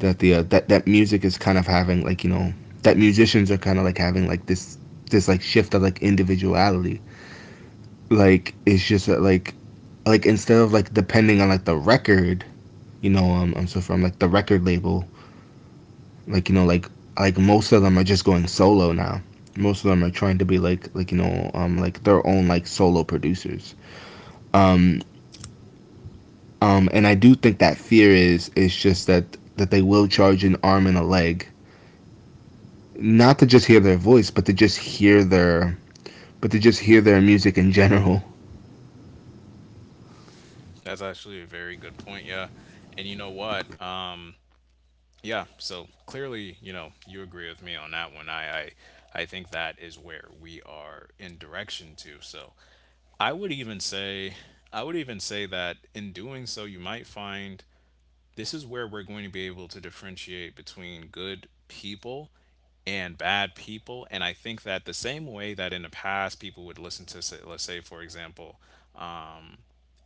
Speaker 2: that the uh, that that music is kind of having like you know that musicians are kind of like having like this this like shift of like individuality. Like it's just uh, like like instead of like depending on like the record, you know, um, I'm so from like the record label like you know like like most of them are just going solo now, most of them are trying to be like like you know um like their own like solo producers um um and I do think that fear is is just that that they will charge an arm and a leg not to just hear their voice but to just hear their but to just hear their music in general.
Speaker 1: that's actually a very good point. Yeah, and you know what? Um, yeah. So clearly, you know, you agree with me on that one. I, I, I think that is where we are in direction to. So I would even say, I would even say that in doing so, you might find this is where we're going to be able to differentiate between good people and bad people. And I think that the same way that in the past people would listen to, say, let's say, for example,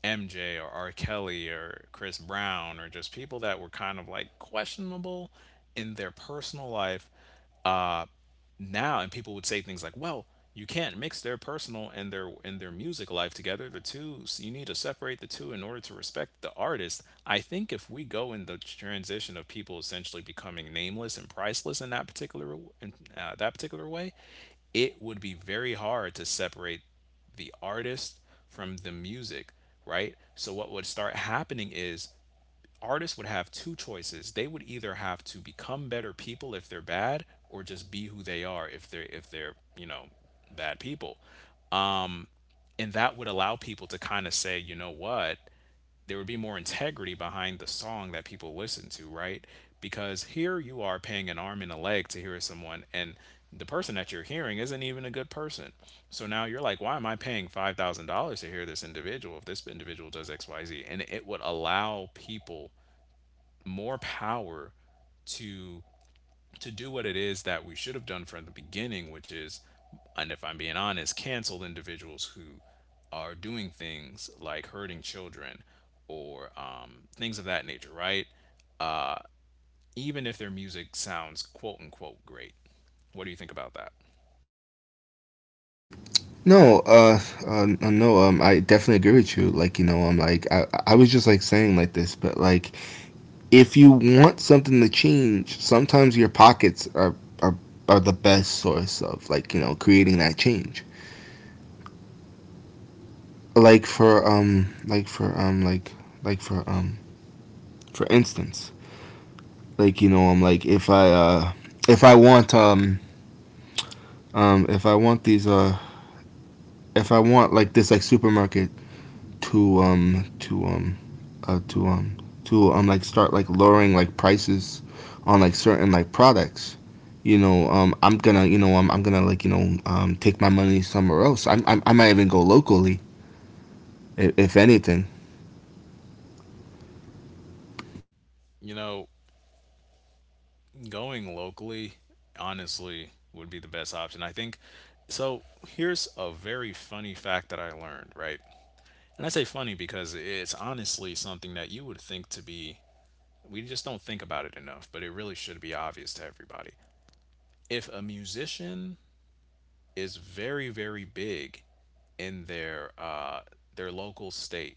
Speaker 1: M J or R. Kelly or Chris Brown, or just people that were kind of like questionable in their personal life, uh, now, and people would say things like, well, you can't mix their personal and their and their music life together, the two, so you need to separate the two in order to respect the artist. I think if we go in the transition of people essentially becoming nameless and priceless in that particular, in uh, that particular way, it would be very hard to separate the artist from the music, right? So what would start happening is, artists would have two choices. They would either have to become better people if they're bad, or just be who they are if they're if they're, you know, bad people. And that would allow people to kind of say, you know what? There would be more integrity behind the song that people listen to, right? Because here you are paying an arm and a leg to hear someone, and the person that you're hearing isn't even a good person. So now you're like, why am I paying five thousand dollars to hear this individual if this individual does X Y Z? And it would allow people more power to to do what it is that we should have done from the beginning, which is, and if I'm being honest, cancel individuals who are doing things like hurting children or um, things of that nature, right? Uh, even if their music sounds quote unquote great. What do you think about that?
Speaker 2: no uh, uh no um I definitely agree with you like you know I'm like i i was just like saying like this, but like if you want something to change, sometimes your pockets are, are are the best source of like you know creating that change. Like for um like for um like like for um For instance, like you know I'm um, like if I uh if I want um um if I want these uh if I want like this like supermarket to um to um uh, to um to um like start like lowering like prices on like certain like products. You know, um, I'm gonna, you know, I'm, I'm gonna like, you know, um, take my money somewhere else. I'm, I'm, I might even go locally, if, if anything.
Speaker 1: You know, going locally, honestly, would be the best option. I think so. Here's a very funny fact that I learned, right? And I say funny because it's honestly something that you would think to be, we just don't think about it enough, but it really should be obvious to everybody. If a musician is very, very big in their uh, their local state,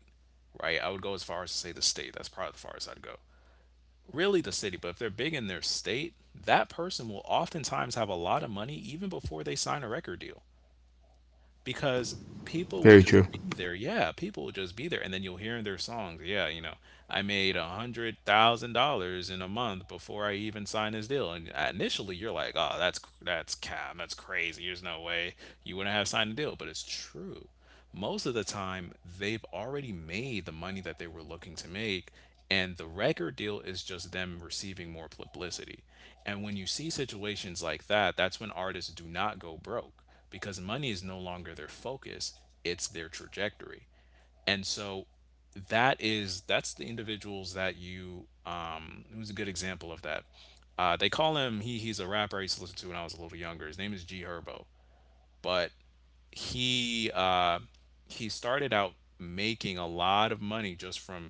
Speaker 1: right? I would go as far as to say the state. That's probably the farthest I'd go. Really, the city. But if they're big in their state, that person will oftentimes have a lot of money even before they sign a record deal. Because people would
Speaker 2: Very
Speaker 1: just
Speaker 2: true.
Speaker 1: be there. Yeah, people would just be there, and then you'll hear in their songs, yeah, you know, I made a hundred thousand dollars in a month before I even signed this deal. And uh, initially, you're like, oh, that's that's cap, that's crazy. There's no way you wouldn't have signed a deal, but it's true most of the time they've already made the money that they were looking to make, and the record deal is just them receiving more publicity. And when you see situations like that, that's when artists do not go broke because money is no longer their focus, it's their trajectory. And so that is that's the individuals that you um Who's a good example of that? Uh they call him, he he's a rapper I used to listen to when I was a little younger. His name is G Herbo. But he uh, he started out making a lot of money just from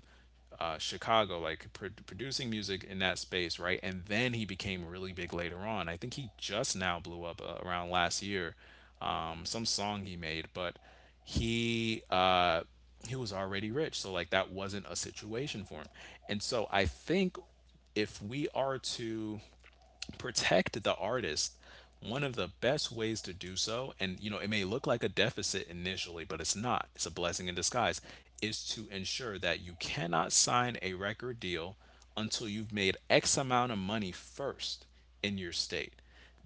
Speaker 1: uh, Chicago, like pro- producing music in that space, right? And then he became really big later on. I think he just now blew up uh, around last year, um, some song he made. But he uh, he was already rich, so like that wasn't a situation for him. And so I think if we are to protect the artist, one of the best ways to do so, and you know it may look like a deficit initially, but it's not, it's a blessing in disguise, is to ensure that you cannot sign a record deal until you've made X amount of money first in your state,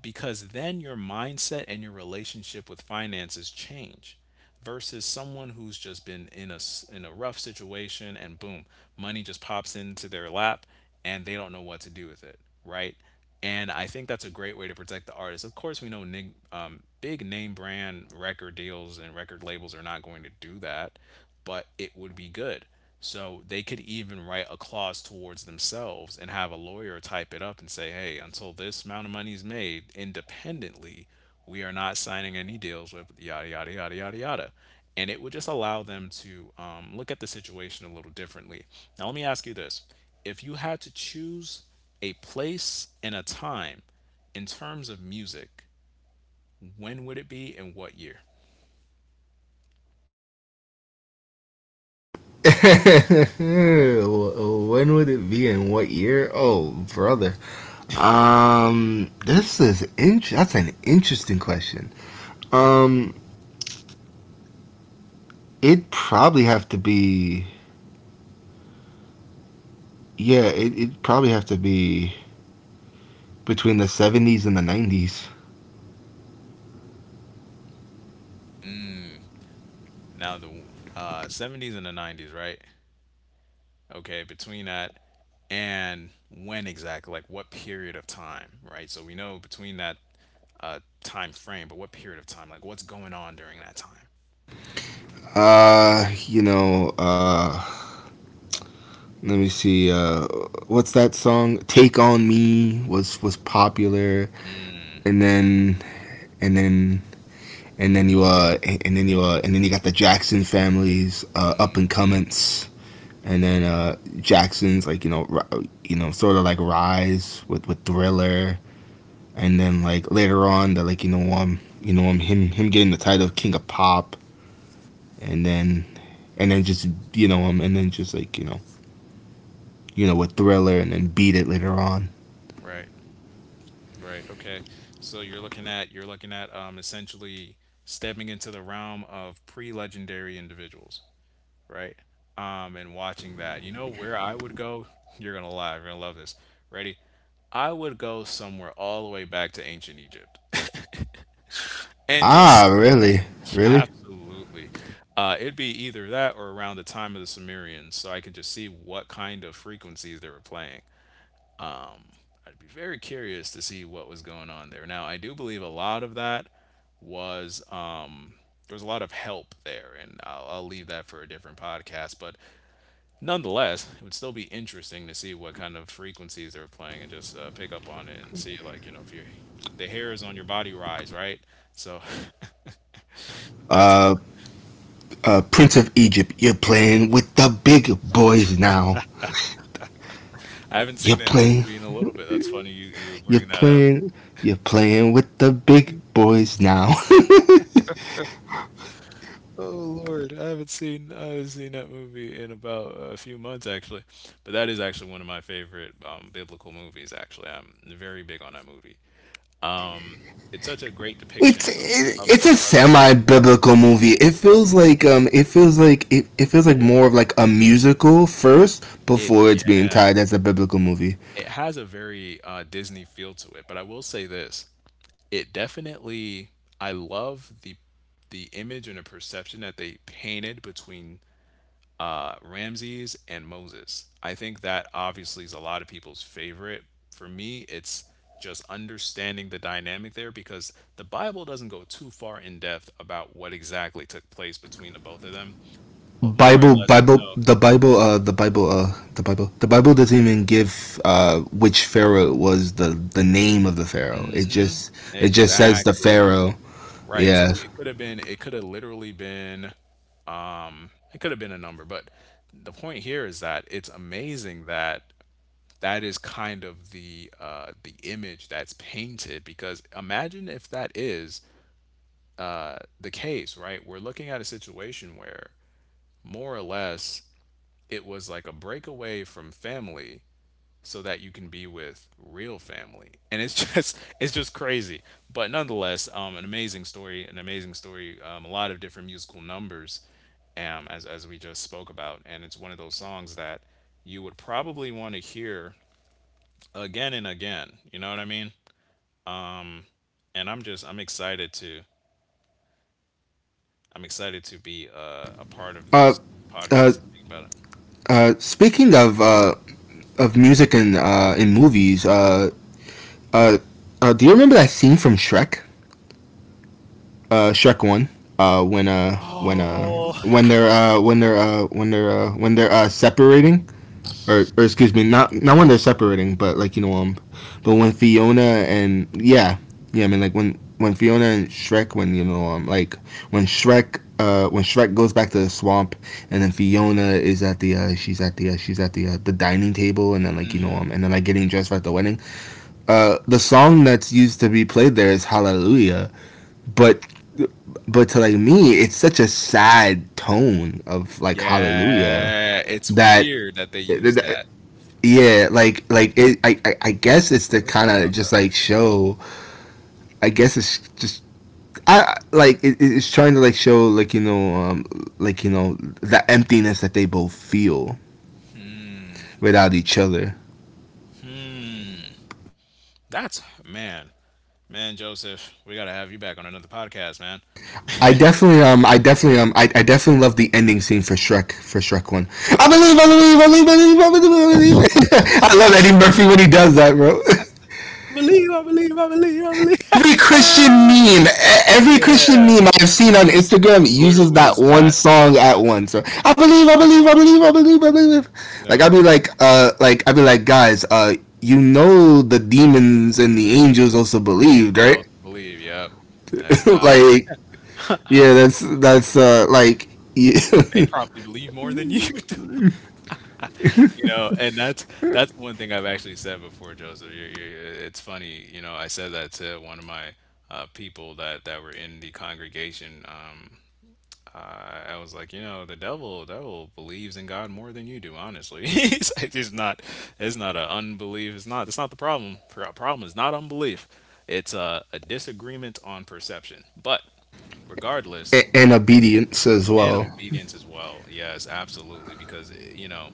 Speaker 1: because then your mindset and your relationship with finances change versus someone who's just been in a s- in a rough situation, and boom, money just pops into their lap and they don't know what to do with it, right? And I think that's a great way to protect the artist. Of course, we know nig- um, big name brand record deals and record labels are not going to do that, but it would be good. So they could even write a clause towards themselves and have a lawyer type it up and say, hey, until this amount of money is made independently, we are not signing any deals with yada yada yada yada yada. And it would just allow them to um, look at the situation a little differently. Now let me ask you this. If you had to choose a place and a time in terms of music, when would it be, and what year?
Speaker 2: When would it be and what year? Oh, brother. Um, this is int. That's an interesting question.
Speaker 1: Thank
Speaker 2: Um, it probably have to be yeah, it it probably have to be between the seventies and the nineties.
Speaker 1: you. Now the uh, seventies and the nineties, right? Okay, between that, and when exactly, like what period of time, right? So we know between that uh time frame, but what period of time, like what's going on during that time?
Speaker 2: Uh, you know, uh, let me see. Uh, what's that song? "Take on Me" was was popular,
Speaker 1: Mm,
Speaker 2: and then and then and then you uh and then you uh and then you got the Jackson families uh, up and comments, and then uh Jackson's, like, you know, ri- you know sort of like rise with with Thriller, and then like later on the, like, you know, um you know, um him him getting the title of King of Pop, and then and then just you know um and then just like, you know, you know, with Thriller and then Beat It later on.
Speaker 1: right, right, okay. So you're looking at you're looking at um essentially stepping into the realm of pre-legendary individuals, right? Um and watching that. You know where I would go? You're gonna lie, you're gonna love this. Ready? I would go somewhere all the way back to ancient Egypt and just.
Speaker 2: Ah, really, really.
Speaker 1: Absolutely. Uh, it'd be either that or around the time of the Sumerians, so I could just see what kind of frequencies they were playing. I'd be very curious to see what was going on there. Now, I do believe a lot of that was um, there was a lot of help there, and I'll, I'll leave that for a different podcast. But nonetheless, it would still be interesting to see what kind of frequencies they were playing and just uh, pick up on it and see, like, you know, if your the hair is on your body rise, right? So that's.
Speaker 2: Uh, uh, Prince of Egypt, you're playing with the big boys now.
Speaker 1: I haven't
Speaker 2: You're
Speaker 1: seen that
Speaker 2: playing,
Speaker 1: movie in a little bit. That's funny you you
Speaker 2: you're
Speaker 1: bring that up.
Speaker 2: playing, you're playing with the big boys now.
Speaker 1: Oh Lord, I haven't seen I haven't seen that movie in about a few months actually, but that is actually one of my favorite um, biblical movies. Actually, I'm very big on that movie. Um, it's such a great depiction
Speaker 2: it's
Speaker 1: of
Speaker 2: it's
Speaker 1: the
Speaker 2: a
Speaker 1: brotherly.
Speaker 2: semi-biblical movie. It feels
Speaker 1: It,
Speaker 2: like
Speaker 1: it
Speaker 2: um, it feels like it, it feels like
Speaker 1: yeah,
Speaker 2: more of like a musical first
Speaker 1: it
Speaker 2: before it's being
Speaker 1: yeah,
Speaker 2: tied as a biblical movie.
Speaker 1: it has a very uh, Disney feel to it. But I will say this, it definitely, I love the the image and the perception that they painted between uh, Ramses and Moses. I think that obviously is a lot of people's favorite. For me, it's just understanding the dynamic there because the Bible doesn't go too far in depth about what exactly took place between the both of them. Uh, More or
Speaker 2: Bible,
Speaker 1: less, you
Speaker 2: Bible,
Speaker 1: know.
Speaker 2: the Bible, uh, the Bible, uh, the Bible, the Bible doesn't even give uh, which pharaoh was the the name of the pharaoh. It
Speaker 1: Hmm.
Speaker 2: just it just says the
Speaker 1: Exactly.
Speaker 2: pharaoh.
Speaker 1: Right. So
Speaker 2: Yeah.
Speaker 1: we, it could have been, it could have literally been, um, it could have been a number, but the point here is that it's amazing that that is kind of the uh, the image that's painted, because imagine if that is uh, the case, right? We're looking at a situation where more or less it was like a breakaway from family so that you can be with real family, and it's just it's just crazy. But nonetheless, um, an amazing story, an amazing story, um, a lot of different musical numbers, um, as as we just spoke about, and it's one of those songs that you would probably want to hear again and again. You know what I mean? And I'm just I'm excited to, I'm excited to be uh, a part of
Speaker 2: Uh,
Speaker 1: this
Speaker 2: uh,
Speaker 1: podcast and speak about it.
Speaker 2: uh, Speaking of uh, of music and uh, in movies, uh, uh, uh, do you remember that scene from Shrek? Uh, Shrek One. Uh, when uh when uh
Speaker 1: Oh,
Speaker 2: when they're uh when they're uh when they're uh when they're uh separating, or, or excuse me, not not when they're separating, but, like, you know, um, but when Fiona and yeah, yeah, I mean like when when Fiona and Shrek, when, you know, um, like when Shrek, uh, when Shrek goes back to the swamp, and then Fiona is at the uh, she's at the uh, she's at the uh, the dining table, and then, like, you know,
Speaker 1: hmm,
Speaker 2: um, and then like getting dressed for at the wedding. Uh, the song that's used to be played there is Hallelujah, but but to like me, it's such a sad tone of like Hallelujah
Speaker 1: yeah. It's
Speaker 2: that
Speaker 1: weird that they use that.
Speaker 2: yeah, like like it, I, I I guess it's to
Speaker 1: Never
Speaker 2: kind
Speaker 1: thought
Speaker 2: of
Speaker 1: about
Speaker 2: just
Speaker 1: that.
Speaker 2: like show. I guess it's just I like it, it's trying to like show, like, you know, um like, you know, the emptiness that they both feel without each other.
Speaker 1: Hmm. That's, man, man, Joseph. We gotta have you back on another podcast, man.
Speaker 2: I definitely um I definitely um I I definitely love the ending scene for Shrek, for Shrek One. I believe I believe I believe I believe I believe I believe. I love Eddie Murphy when he does that, bro.
Speaker 1: I believe, I believe, I believe, I believe.
Speaker 2: Every Christian
Speaker 1: Ah,
Speaker 2: meme, e- every
Speaker 1: yeah,
Speaker 2: Christian meme I've seen on Instagram uses
Speaker 1: literally
Speaker 2: that
Speaker 1: is
Speaker 2: one
Speaker 1: that.
Speaker 2: song at once. Or, I believe, I believe, I believe, I believe, I believe.
Speaker 1: You
Speaker 2: Like
Speaker 1: know,
Speaker 2: I'd be like, uh, like I'd be like, guys, uh, you know the demons and the angels also believed,
Speaker 1: they
Speaker 2: right?
Speaker 1: also believe. Yep, that's not.
Speaker 2: like, yeah, that's that's uh, like, yeah,
Speaker 1: They probably believe more than you do, you know, and that's that's one thing I've actually said before, Joseph. You're, you're, you're- it's funny, you know, I said that to one of my uh, people that that were in the congregation. Um, I I was like, you know, the devil, devil believes in God more than you do. Honestly, it's, like, it's not, it's not an unbelief. It's not, it's not the problem. The problem is not unbelief. It's a, a disagreement on perception. But regardless,
Speaker 2: and obedience as
Speaker 1: and
Speaker 2: well.
Speaker 1: obedience as well. Yes, absolutely. Because eh, you know,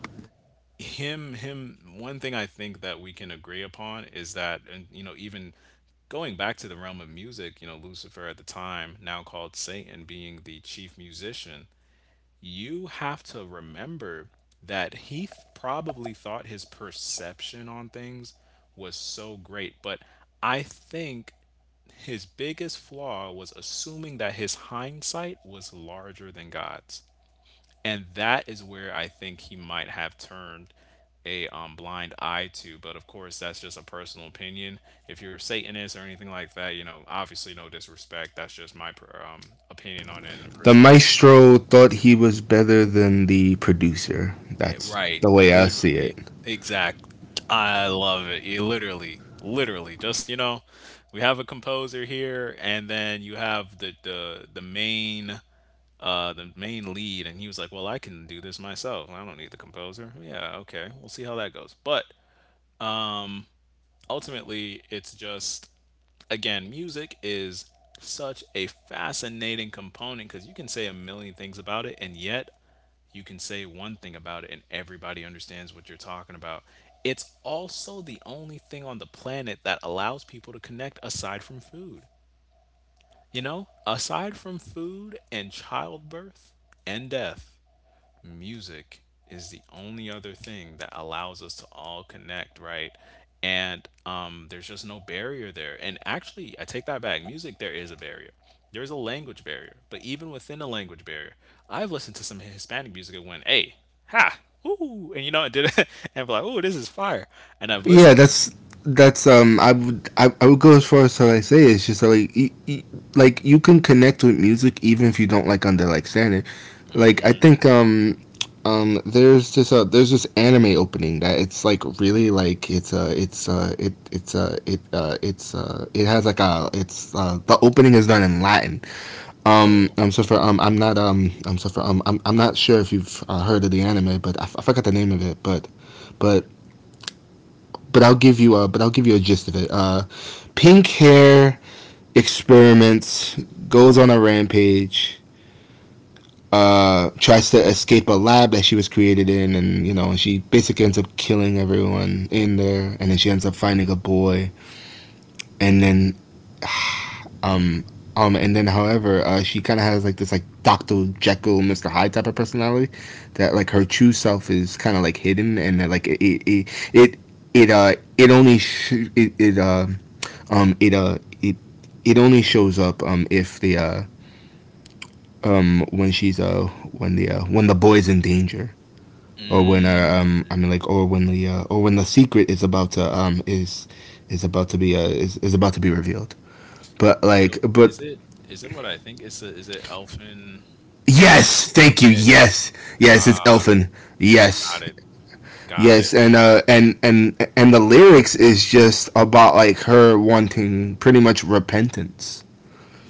Speaker 1: him him one thing I think that we can agree upon is that, and you know, even going back to the realm of music, you know, Lucifer at the time, now called Satan, being the chief musician, you have to remember that he th- probably thought his perception on things was so great, but I think his biggest flaw was assuming that his hindsight was larger than God's. And that is where I think he might have turned a um, blind eye to. But of course, that's just a personal opinion. If you're a Satanist or anything like that, you know, obviously no disrespect. That's just my per, um, opinion on it and
Speaker 2: The
Speaker 1: perception.
Speaker 2: maestro thought he was better than the producer.
Speaker 1: Eh,
Speaker 2: That's
Speaker 1: right,
Speaker 2: the way I see
Speaker 1: literally,
Speaker 2: it.
Speaker 1: exact. I love it. You literally, literally, just you know, we have a composer here, and then you have the the the main uh, the main lead, and he was like, "Well, I can do this myself. I don't need the composer." Yeah, okay, we'll see how that goes. But ultimately, it's just, again, music is such a fascinating component because you can say a million things about it, and yet you can say one thing about it, and everybody understands what you're talking about. It's also the only thing on the planet that allows people to connect aside from food. You know, aside from food and childbirth and death, music is the only other thing that allows us to all connect, right? And um, there's just no barrier there. And actually, I take that back. Music, there is a barrier. There's a language barrier. But even within a language barrier, I've listened to some Hispanic music and went, hey, ha, ooh. And you know, it did it. And I like, ooh, this is fire. And I've
Speaker 2: Yeah,
Speaker 1: listened to,
Speaker 2: that's that's um. I would I, I would go as far as how I say it. It's just that, like, y- y- like you can connect with music even if you don't like understand it. Like I think um um there's this uh there's this anime opening that it's like really like it's uh it's uh it it's uh it uh it's uh it has like a it's uh the opening is done in Latin. Um
Speaker 1: oh,
Speaker 2: um so for um I'm not um um so for um I'm I'm not sure if you've uh, heard of the anime, but I, f- I forgot the name of it, but but but I'll give you a but I'll give you a gist of it. Uh, pink hair experiments goes on a rampage. Uh, tries to escape a lab that she was created in, and you know she basically ends up killing everyone in there, and then she ends up finding a boy, and then um um and then however uh, she kind of has like this like Doctor Jekyll Mister Hyde type of personality, that like her true self is kind of like hidden, and that like it it it, it it uh it only sh- it, it um Um, it uh, it it only shows up um if the uh um when she's uh when the uh, when the boy's in danger or when uh,
Speaker 1: mm,
Speaker 2: um I mean like or when the uh, or when the secret is about to um is is about to be uh is, is about to be revealed. But like
Speaker 1: so
Speaker 2: but
Speaker 1: is it is it what I think? It's a, is it Elfin?
Speaker 2: yes, thank you.
Speaker 1: Okay,
Speaker 2: Yes. Yes, it's
Speaker 1: ah,
Speaker 2: Elfin.
Speaker 1: got
Speaker 2: Yes.
Speaker 1: it, got
Speaker 2: Yes,
Speaker 1: it.
Speaker 2: and uh and and and the lyrics is just about like her wanting pretty much repentance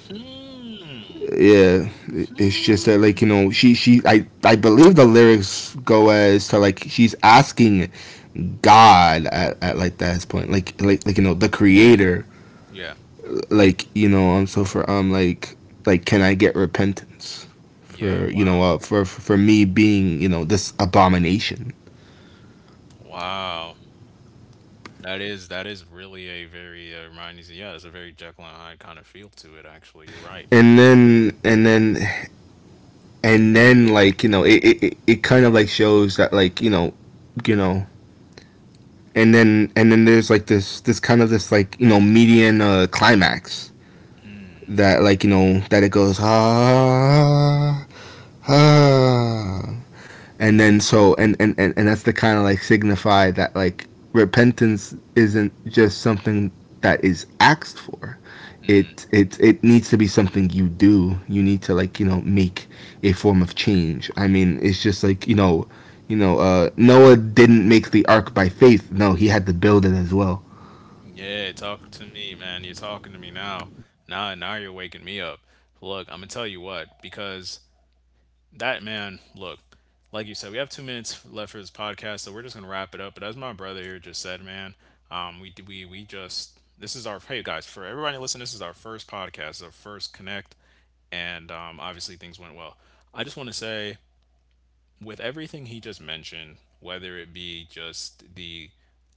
Speaker 1: Hmm.
Speaker 2: yeah, it's just that,
Speaker 1: Hmm.
Speaker 2: like, you know, she she I I believe the lyrics go as to like she's asking God at, at like that point, like, like like you know, the Creator,
Speaker 1: Yeah.
Speaker 2: like, you know, um so for um like like can I get repentance
Speaker 1: Yeah.
Speaker 2: for, you know,
Speaker 1: Wow.
Speaker 2: uh, for for me being, you know, this abomination.
Speaker 1: Wow. That is that is really a very uh, reminds, yeah, it's a very Jekyll and Hyde kind of feel to it. Actually, you're right.
Speaker 2: And then and then and then, like, you know, it, it- it kind of like shows that, like, you know, you know. And then and then there's like this this kind of this, like, you know, median uh, climax, that, like, you know, that it goes ah, ah. And then so and and and, and that's the kind of like signify that like repentance isn't just something that is asked for,
Speaker 1: Mm.
Speaker 2: it it it needs to be something you do. You need to, like, you know, make a form of change. I mean, it's just like, you know, you know, uh Noah didn't make the ark by faith. No, he had to build it as well.
Speaker 1: Yeah, talk to me, man. You're talking to me now. Now, now you're waking me up. Look, I'm gonna tell you what, because that man, look, like you said, we have two minutes left for this podcast, so we're just gonna wrap it up. But as my brother here just said, man, um, we we we just this is our, hey guys, for everybody listening, this is our first podcast, our first connect, and um, obviously things went well. I just want to say, with everything he just mentioned, whether it be just the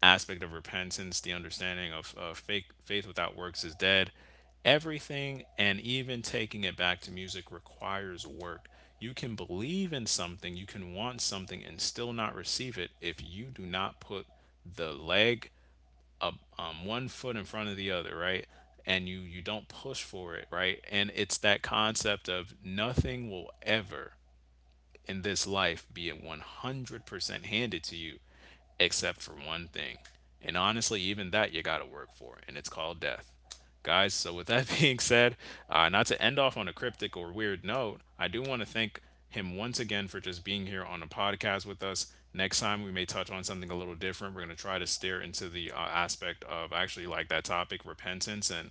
Speaker 1: aspect of repentance, the understanding of, of faith, faith without works is dead, everything, and even taking it back to music requires work. You can believe in something, you can want something, and still not receive it if you do not put the leg up um, one foot in front of the other, right? And you you don't push for it, right? And it's that concept of nothing will ever in this life being one hundred percent handed to you except for one thing. And honestly, even that you got to work for, and it's called death. Guys, so with that being said, uh, not to end off on a cryptic or weird note, I do want to thank him once again for just being here on a podcast with us. Next time, we may touch on something a little different. We're going to try to steer into the uh, aspect of actually like that topic, repentance, and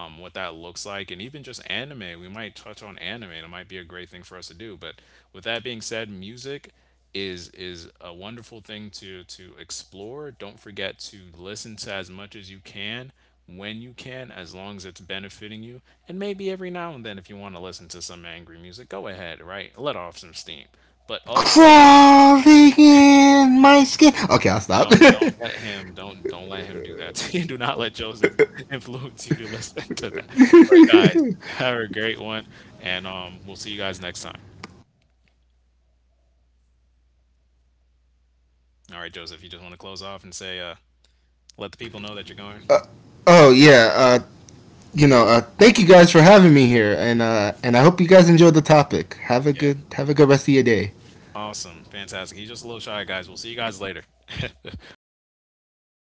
Speaker 1: um, what that looks like, and even just anime. We might touch on anime. And it might be a great thing for us to do. But with that being said, music is is a wonderful thing to to explore. Don't forget to listen to as much as you can when you can, as long as it's benefiting you. And maybe every now and then, if you want to listen to some angry music, go ahead. Right, let off some steam. But also,
Speaker 2: Crawling in my skin. Okay, I'll stop.
Speaker 1: don't don't let him don't don't let him do that to you. Do not let Joseph influence you to listen to that. But guys, have a great one, and um, we'll see you guys next time. All right, Joseph, you just want to close off and say, uh, let the people know that you're going.
Speaker 2: Oh yeah, uh, you know, uh, thank you guys for having me here, and uh, and I hope you guys enjoyed the topic. Have a
Speaker 1: Yeah,
Speaker 2: good have a good rest of your day.
Speaker 1: awesome, fantastic. He's just a little shy, guys. We'll see you guys later.